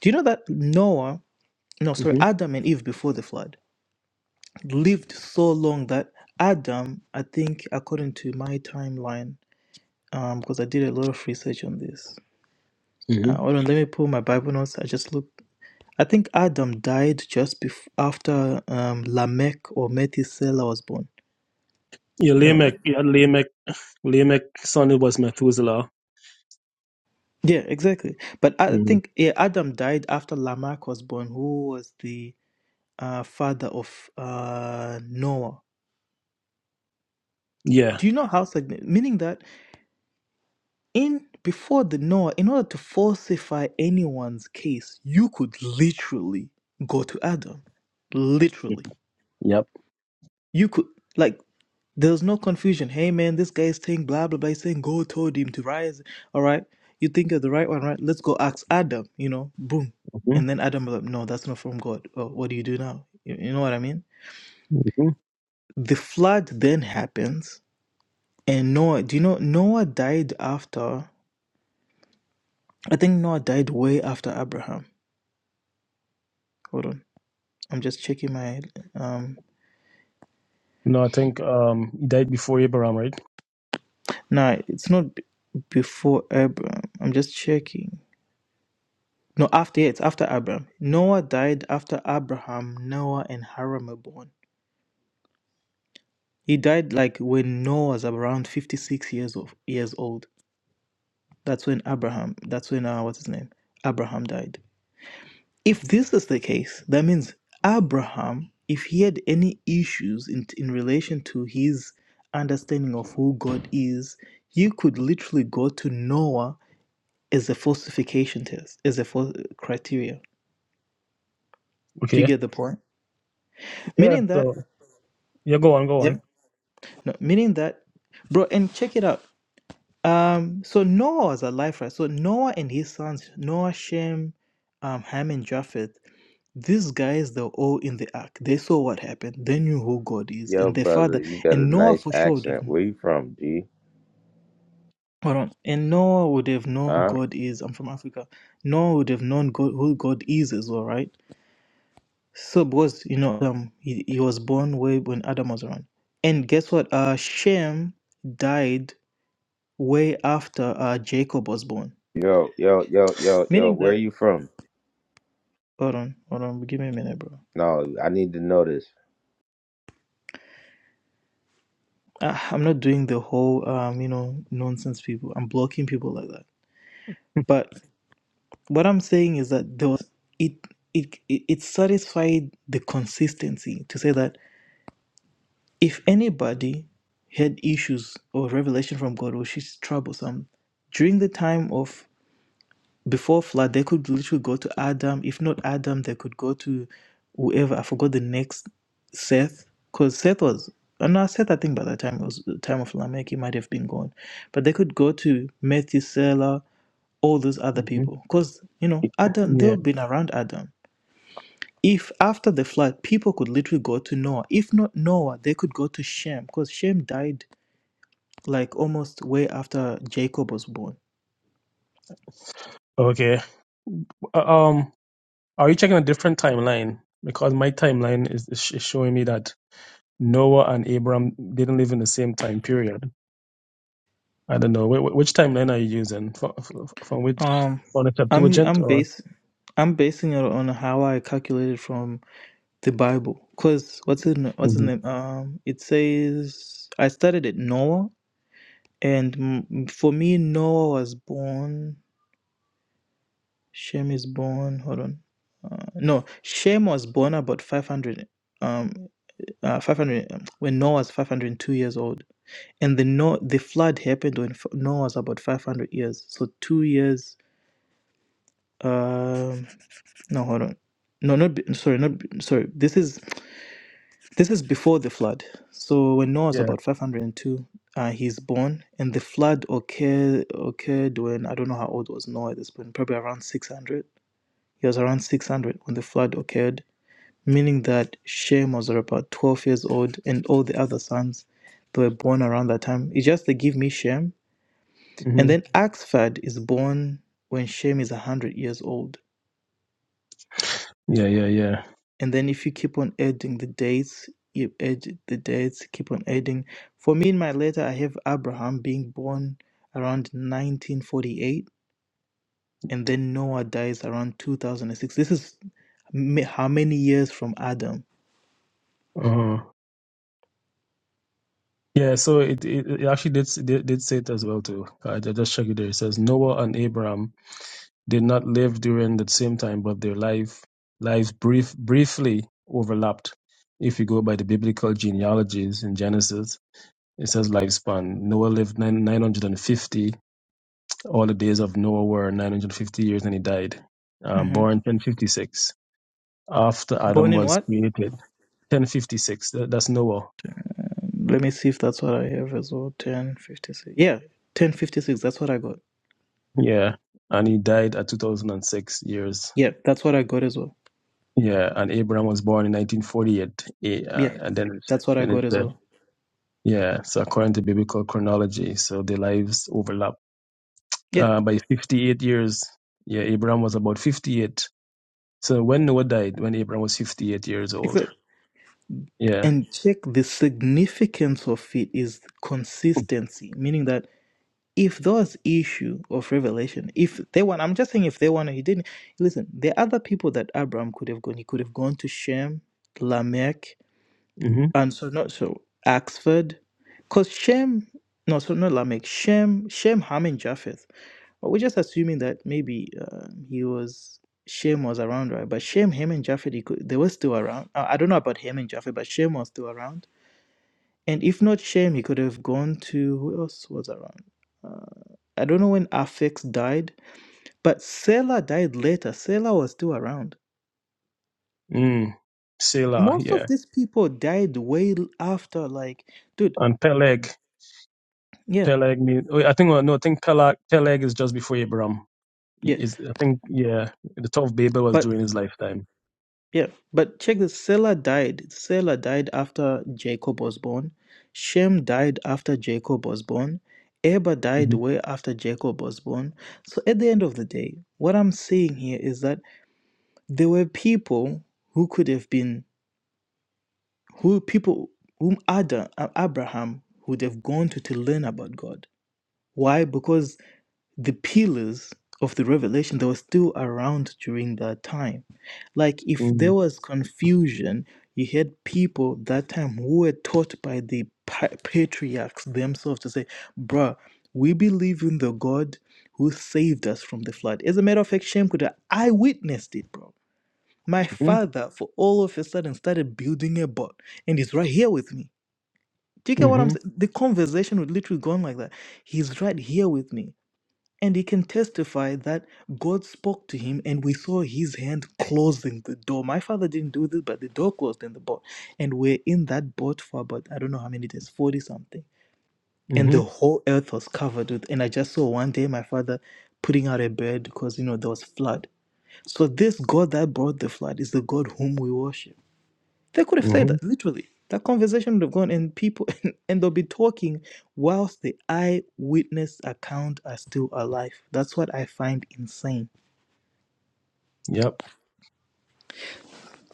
S1: Do you know that Noah? No, sorry,
S8: hmm
S1: Adam and Eve before the flood lived so long that Adam, I think, according to my timeline, um, because I did a lot of research on this.
S8: hmm
S1: Uh, hold on, let me pull my Bible notes. I just looked. I think Adam died just bef- after um, Lamech or Methuselah was born.
S8: Yeah,
S1: Oh, no.
S8: Lamech. Yeah, Lamech. Lamech, son was Methuselah.
S1: Yeah, exactly. But I
S8: hmm
S1: think yeah, Adam died after Lamech was born, who was the uh, father of uh, Noah.
S8: Yeah.
S1: Do you know how significant? Meaning that in before the Noah, in order to falsify anyone's case, you could literally go to Adam. Literally,
S8: Yep.
S1: you could like There was no confusion. Hey man, this guy's saying blah blah blah. He's saying God told him to rise. All right, you think you're the right one, right? Let's go ask Adam. You know, boom,
S8: hmm
S1: and then Adam was like, no, that's not from God. Oh, what do you do now? You, you know what I mean?
S8: hmm
S1: The flood then happens, and Noah. Do you know Noah died after? I think Noah died way after Abraham. Hold on, I'm just checking my. Um,
S8: No, I think um he died before Abraham, right?
S1: no, it's not b- before Abraham. I'm just checking. No, after yeah, it's after Abraham. Noah died after Abraham, Noah, and Haram were born. He died like when Noah was around fifty-six years of years old. That's when Abraham. That's when uh, what's his name? Abraham died. If this is the case, that means Abraham, if he had any issues in in relation to his understanding of who God is, he could literally go to Noah as a falsification test, as a fal- criteria. Do you
S8: Okay.
S1: get the point?
S8: Yeah,
S1: Meaning that,
S8: so yeah, go on, go
S1: yeah.
S8: on.
S1: No, meaning that, bro, and check it out. Um, so Noah was alive, right? So Noah and his sons, Noah, Shem, um, Ham, and Japheth, these guys, they're all in the ark. They saw what happened. They knew who God is
S9: Yo,
S1: and their
S9: brother,
S1: father.
S9: you got
S1: And
S9: a
S1: Noah
S9: nice
S1: for sure would have,
S9: accent. Where you from, G?
S1: hold on, and Noah would have known who
S9: Huh?
S1: God is. I'm from Africa. Noah would have known God, who God is as well, right? So because you know, um, he, he was born way when Adam was around. And guess what? Uh, Shem died way after uh, Jacob was born.
S9: Yo, yo, yo, yo, yo,
S1: Meaning
S9: where
S1: that,
S9: you from?
S1: hold on, hold on, give me a minute, bro.
S9: No, I need to know this.
S1: Ah, I'm not doing the whole, um, you know, nonsense people. I'm blocking people like that. But what I'm saying is that there was, it, it, it, it satisfied the consistency to say that if anybody had issues or revelation from God, which is troublesome, during the time of before flood they could literally go to adam if not adam they could go to whoever i forgot the next seth because seth was uh, no seth i think by that time it was the time of lamech he might have been gone but they could go to methuselah all those other
S8: hmm
S1: people because you know adam
S8: Yeah.
S1: they've been around adam if after the flood people could literally go to noah if not noah they could go to shem because shem died like almost way after jacob was born
S8: Okay. Uh, Um, are you checking a different timeline? Because my timeline is, is sh- is showing me that Noah and Abraham didn't live in the same time period. I don't know. Wh- wh- which timeline are you using? From, from which?
S1: Um,
S8: on a
S1: I'm
S8: Septuagint
S1: I'm
S8: or?
S1: bas I'm basing it on how I calculated from the Bible. Cause what's his na- what's his
S8: hmm
S1: name? Um, it says I started at Noah, and mm, for me Noah was born. Shem is born. Hold on. Uh, no, Shem was born about 500. Um, uh, 500 um, when Noah was 502 years old, and the no the flood happened when F- Noah was about 500 years. So two years. Um. No, hold on. No, not be- sorry, not be- sorry. This is this is before the flood. So when Noah was
S8: Yeah.
S1: about five hundred and two, uh, he's born, and the flood occurred occurred when I don't know how old was Noah at this point. Probably around six hundred. He was around six hundred when the flood occurred, meaning that Shem was about twelve years old, and all the other sons that were born around that time. It's just they give me Shem, and
S8: hmm
S1: then Axfad is born when Shem is hundred years old.
S8: Yeah, yeah, yeah.
S1: and then if you keep on adding the dates you add the dates keep on adding for me in my letter i have abraham being born around 1948 and then noah dies around 2006 this is ma- how many years from adam
S8: uh Yeah, so it, it, it actually did, did did say it as well too. I ju- just checked it there. It says Noah and Abraham did not live during the same time, but their life lives brief briefly overlapped. If you go by the biblical genealogies in Genesis, it says lifespan. Noah lived nine, 950 All the days of Noah were 950 years and he died. Um,
S1: hmm
S8: born 1056. After
S1: born
S8: Adam
S1: in
S8: was
S1: what
S8: created, 1056, tha- that's Noah.
S1: let me see if that's what i have as well 1056 yeah 1056 that's what i got
S8: Yeah. And he died at 2006 years.
S1: yeah that's what i got as well
S8: Yeah. And Abraham was born in 1948. Eh, Uh,
S1: yeah
S8: and then it,
S1: that's what i
S8: then
S1: got
S8: it
S1: as
S8: said,
S1: well
S8: yeah. So according to biblical chronology, so their lives overlap.
S1: yeah
S8: Uh, by 58 years, yeah, Abraham was about 58. So when Noah died, when Abraham was 58 years
S1: exactly.
S8: old. Yeah.
S1: and check the significance of it is consistency meaning that if those issue of revelation if they want i'm just saying if they want he didn't listen there are other people that abraham could have gone he could have gone to shem lamech
S8: Mm-hmm.
S1: and so not so axford because shem no so not lamech shem shem ham and japheth but we're just assuming that maybe uh, he was Shem was around, right? But Shem, Ham, and Japheth, he could, they were still around. I I don't know about Ham and Japheth, but Shem was still around and if not Shem, he could have gone to who else was around? Uh, I don't know when Afex died, but Sela died later. Sela was still around.
S8: Mm. Selah.
S1: Most of
S8: Yeah.
S1: these people died way l- after, like, dude,
S8: and Peleg.
S1: yeah,
S8: Peleg mean oh, I think well, no, I think Peleg Peleg is just before Abraham.
S1: yeah,
S8: Is I think yeah, the Tower of Babel was
S1: but
S8: during his lifetime.
S1: yeah, but check this. Sela died. Sela died after Jacob was born. Shem died after Jacob was born. Eber died
S8: Mm-hmm.
S1: way after Jacob was born. So at the end of the day, what I'm saying here is that there were people who could have been who people whom Adam uh, Abraham would have gone to to learn about God. Why? Because the pillars of the revelation that were still around during that time. Like if there
S8: Mm-hmm.
S1: was confusion, you had people that time who were taught by the pa- patriarchs themselves to say, "Bruh, we believe in the God who saved us from the flood." As a matter of fact, Shem could have I witnessed it, bro. My father, for all of a sudden, started building a boat and he's right here with me. Do you get what I'm
S8: Mm-hmm.
S1: saying? The conversation would literally go on like that. He's right here with me. And he can testify that God spoke to him and we saw his hand closing the door. My father didn't do this, but the door closed in the boat. And we're in that boat for about, I don't know how many days, 40 something. And
S8: Mm-hmm.
S1: the whole earth was covered with. And I just saw one day my father putting out a bed because, you know, there was flood. So this God that brought the flood is the God whom we worship. They could have said
S8: hmm
S1: that literally. That conversation would have gone, and people, (laughs) and, and they'll be talking whilst the eyewitness account are still alive. That's what I find insane.
S8: Yep.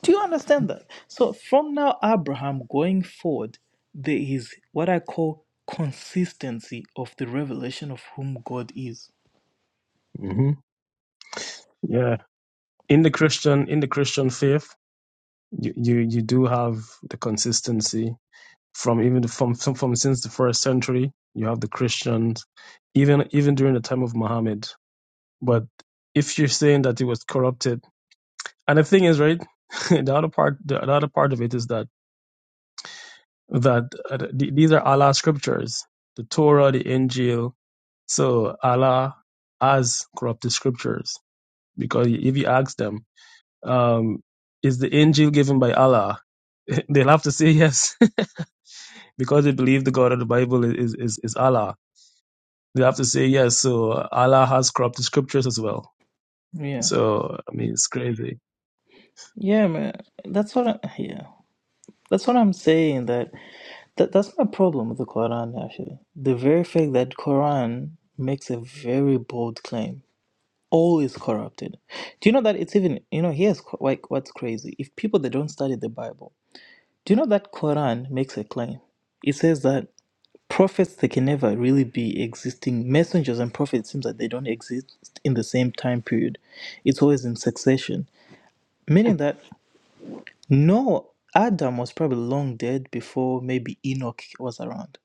S1: Do you understand that? So from now, Abraham going forward, there is what I call consistency of the revelation of whom God is.
S8: hmm Yeah. In the Christian in the Christian faith, you, you you do have the consistency from even from from from since the first century. You have the Christians, even even during the time of Muhammad. But if you're saying that it was corrupted And the thing is, right, (laughs) the other part, the, the other part of it is that that uh, th- these are Allah's scriptures, the Torah, the Injil. So Allah has corrupted scriptures because if you ask them, um, is the Injil given by Allah? (laughs) They'll have to say yes (laughs) because they believe the God of the Bible is is, is Allah. They have to say yes. So Allah has corrupted scriptures as well.
S1: Yeah,
S8: So I mean, it's crazy.
S1: yeah, man. That's what I, yeah. That's what I'm saying. That That that's my problem with the Quran actually. The very fact that Quran makes a very bold claim, all is corrupted. Do you know that it's even you know here's qu- like what's crazy. If people that don't study the Bible, do you know that Quran makes a claim? It says that prophets they can never really be existing messengers and prophets it seems that they don't exist in the same time period it's always in succession meaning that no adam was probably long dead before maybe enoch was around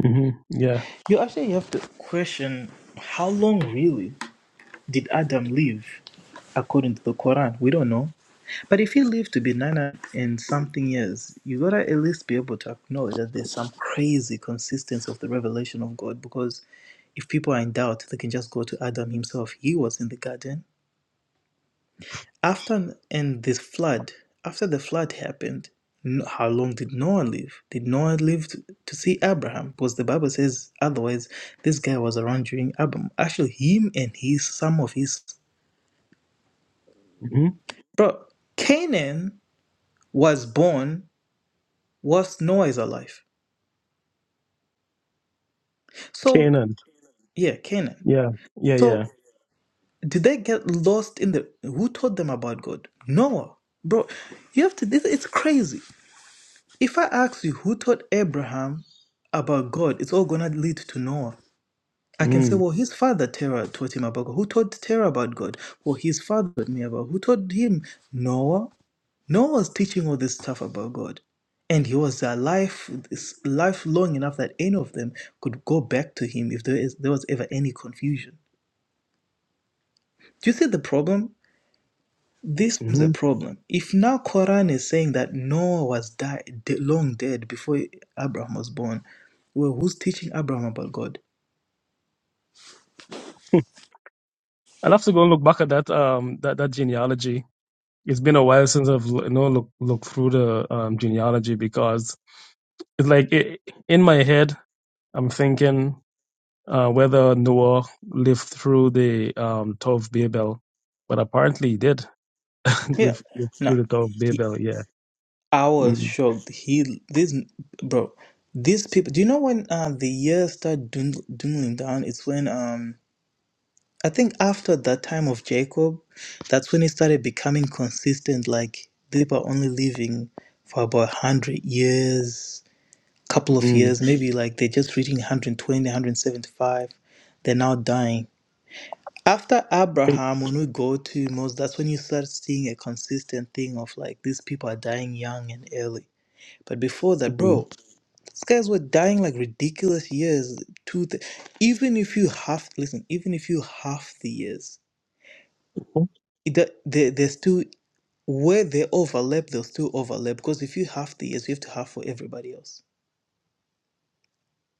S8: hmm Yeah.
S1: You actually have to question how long really did Adam live according to the Quran? We don't know. But if he lived to be 900 and something years, you gotta at least be able to acknowledge that there's some crazy consistency of the revelation of God because if people are in doubt, they can just go to Adam himself. He was in the garden. After and this flood, after the flood happened, no- how long did Noah live? Did Noah live to, to see Abraham? Because the Bible says otherwise, this guy was around during Abraham. Actually, him and his some of his
S8: hmm
S1: bro Canaan was born whilst Noah is alive. So
S8: Canaan.
S1: yeah, Canaan.
S8: Yeah. Yeah.
S1: So
S8: Yeah.
S1: did they get lost in the? Who told them about God? Noah, bro. You have to. This it's crazy. If I ask you who taught Abraham about God, it's all going to lead to Noah. I can say,
S8: Mm-hmm.
S1: well, his father Terah taught him about God. Who taught Terah about God? Well, his father taught me about. Who taught him? Noah. Noah was teaching all this stuff about God, and he was alive this life long enough that any of them could go back to him if there is there was ever any confusion. Do you see the problem? This is
S8: Mm-hmm.
S1: the problem. If now Quran is saying that Noah was died long dead before Abraham was born, well, who's teaching Abraham about God?
S8: I'll have to go and look back at that um that, that genealogy. It's been a while since I've you know look look through the um genealogy because it's like it, in my head I'm thinking uh, whether Noah lived through the um Tower of Babel, but apparently he did (laughs)
S1: Yeah.
S8: live, live
S1: No,
S8: through the Tower of
S1: he,
S8: Babel. Yeah.
S1: I was
S8: mm
S1: shocked. He, this, bro, these people. Do you know when uh, the years start dwind- dwindling down? It's when um, I think after that time of Jacob, that's when he started becoming consistent. Like they were only living for about hundred years, couple of
S8: mm
S1: years, maybe like they're just reaching 120, 175. They're now dying. After Abraham, when we go to Moses, that's when you start seeing a consistent thing of like these people are dying young and early. But before that,
S8: mm.
S1: bro, these guys were dying like ridiculous years. Two, th- even if you half listen, even if you half the years, it, do- they they're still where they overlap, they'll still overlap because if you half the years, you have to half for everybody else.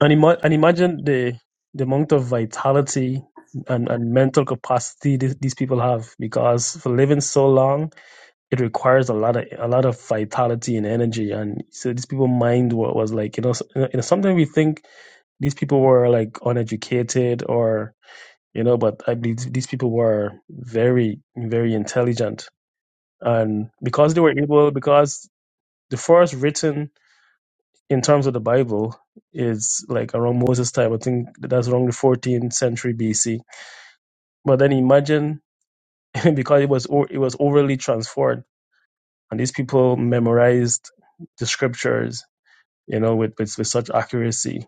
S8: And, ima- and imagine the the amount of vitality and, and mental capacity th- these people have because for living so long it requires a lot of a lot of vitality and energy and so these people mind what was like you know, s- you know sometimes we think these people were like uneducated or you know but i believe these people were very very intelligent and because they were able because the first written in terms of the bible is like around moses time i think that's around the 14th century bc but then imagine (laughs) because it was o- it was overly transformed and these people memorized the scriptures you know, with, with, with such accuracy.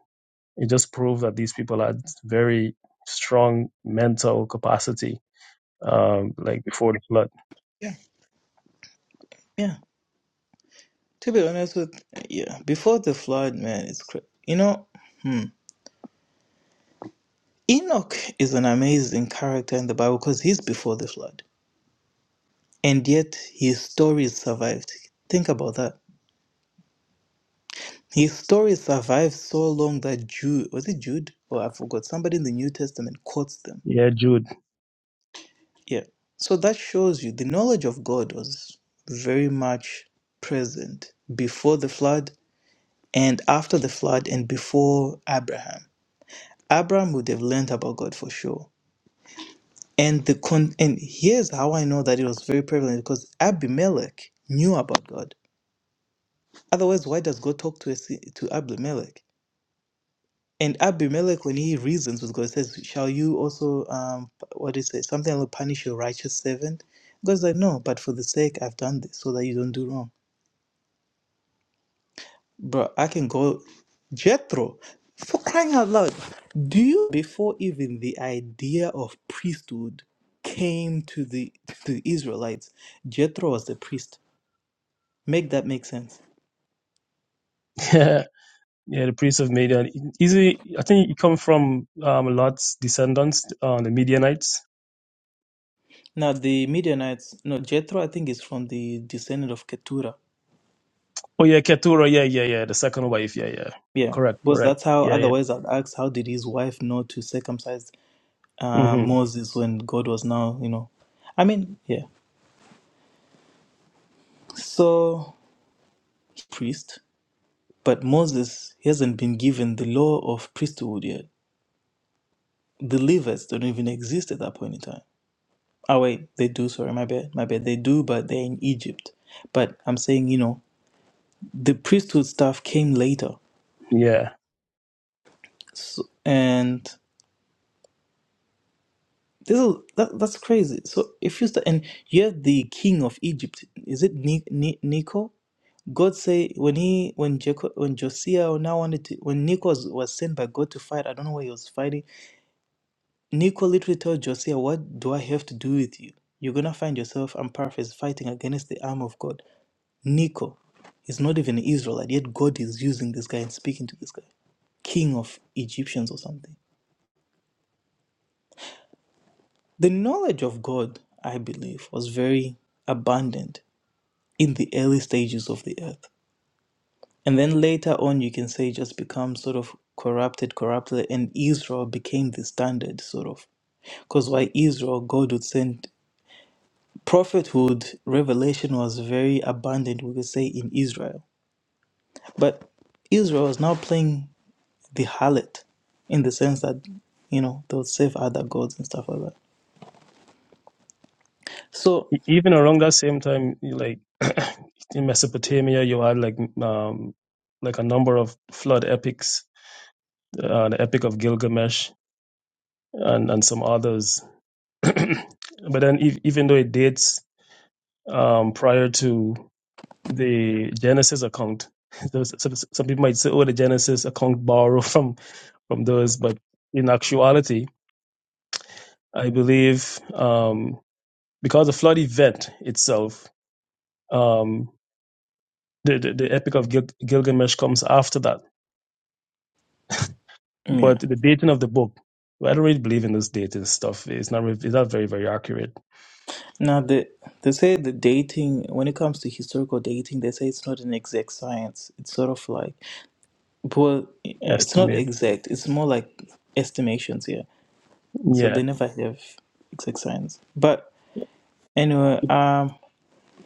S8: It just proved that these people had very strong mental capacity, um, like before the flood.
S1: Yeah, yeah. To be honest with yeah, before the flood, man, it's cra- you know, hmm, Enoch is an amazing character in the Bible because he's before the flood, and yet his story survived. Think about that. His story survived so long that Jude was it Jude or I forgot somebody in the New Testament quotes them.
S8: Yeah, Jude. (laughs)
S1: Yeah, so that shows you the knowledge of God was very much present before the flood and after the flood and before Abraham. Abraham would have learned about God for sure And the con- and here's how I know that it was very prevalent because Abimelech knew about God. Otherwise, why does God talk to a, si- to Abimelech? And Abimelech, when he reasons with God, says, "Shall you also um what is it? Something I will punish your righteous servant." God's like, "No, but for the sake I've done this, so that you don't do wrong." Bro, I can go Jethro for crying out loud. Do you before even the idea of priesthood came to the to the Israelites? Jethro was the priest Make that make sense.
S8: Yeah. Yeah, the priest of Midian. Easy, I think it come from um, Lot's descendants, uh, the Midianites.
S1: Now the Midianites, no Jethro, I think is from the descendant of Ketura.
S8: Oh yeah, Keturah. Yeah, yeah, yeah. The second wife. Yeah, yeah.
S1: Yeah,
S8: Correct,
S1: because
S8: correct.
S1: that's how.
S8: Yeah, yeah.
S1: Otherwise, I'd ask, how did his wife know to circumcise uh,
S8: hmm
S1: Moses when God was now, you know? I mean, yeah. So priest, but Moses he hasn't been given the law of priesthood yet. The Levites don't even exist at that point in time. Oh wait, they do. Sorry, my bad, my bad. They do, but they're in Egypt. But I'm saying, you know, the priesthood stuff came later.
S8: Yeah.
S1: So, and this is that, that's crazy. So if you start, and you have the king of Egypt, is it Ni, Ni, Nico? God say when he when Jacob when Josiah now wanted to when Nico was, was sent by God to fight, I don't know why he was fighting. Nico literally told Josiah, "What do I have to do with you? You're gonna find yourself, I'm paraphrasing, fighting against the arm of God." Nico is not even an Israelite, yet God is using this guy and speaking to this guy, king of Egyptians or something. The knowledge of God, I believe, was very abundant in the early stages of the earth. And then later on, you can say, just become sort of corrupted, corrupted, and Israel became the standard, sort of. Because why Israel, God would send prophethood, revelation was very abundant, we could say, in Israel. But Israel is now playing the harlot in the sense that, you know, they'll serve other gods and stuff like that. So,
S8: E- Even around that same time, you like (clears throat) in Mesopotamia, you had like um, like a number of flood epics uh, the Epic of Gilgamesh, and, and some others. (clears throat) but then, ev- even though it dates um, prior to the Genesis account, (laughs) so- so- so- some people might say, "Oh, the Genesis account borrowed (laughs) from from those," but in actuality, I believe um, because the flood event itself, um, the, the the Epic of Gil- Gilgamesh comes after that.
S1: yeah.
S8: But the dating of the book, well, I don't really believe in this dating stuff. It's not re- it's not very very accurate
S1: Now, the, they say the dating, when it comes to historical dating, they say it's not an exact science. It's sort of like, well, it's not
S8: estimate.
S1: exact. It's more like estimations here. So
S8: Yeah
S1: they never have exact science. But anyway, um,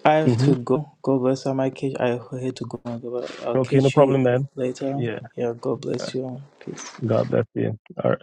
S1: I have
S8: hmm
S1: to go. God bless. I might catch. I had to go. But I'll
S8: Okay, no
S1: catch you
S8: problem, man.
S1: later.
S8: Yeah.
S1: Yeah. God bless you. Peace.
S8: God bless you. All right.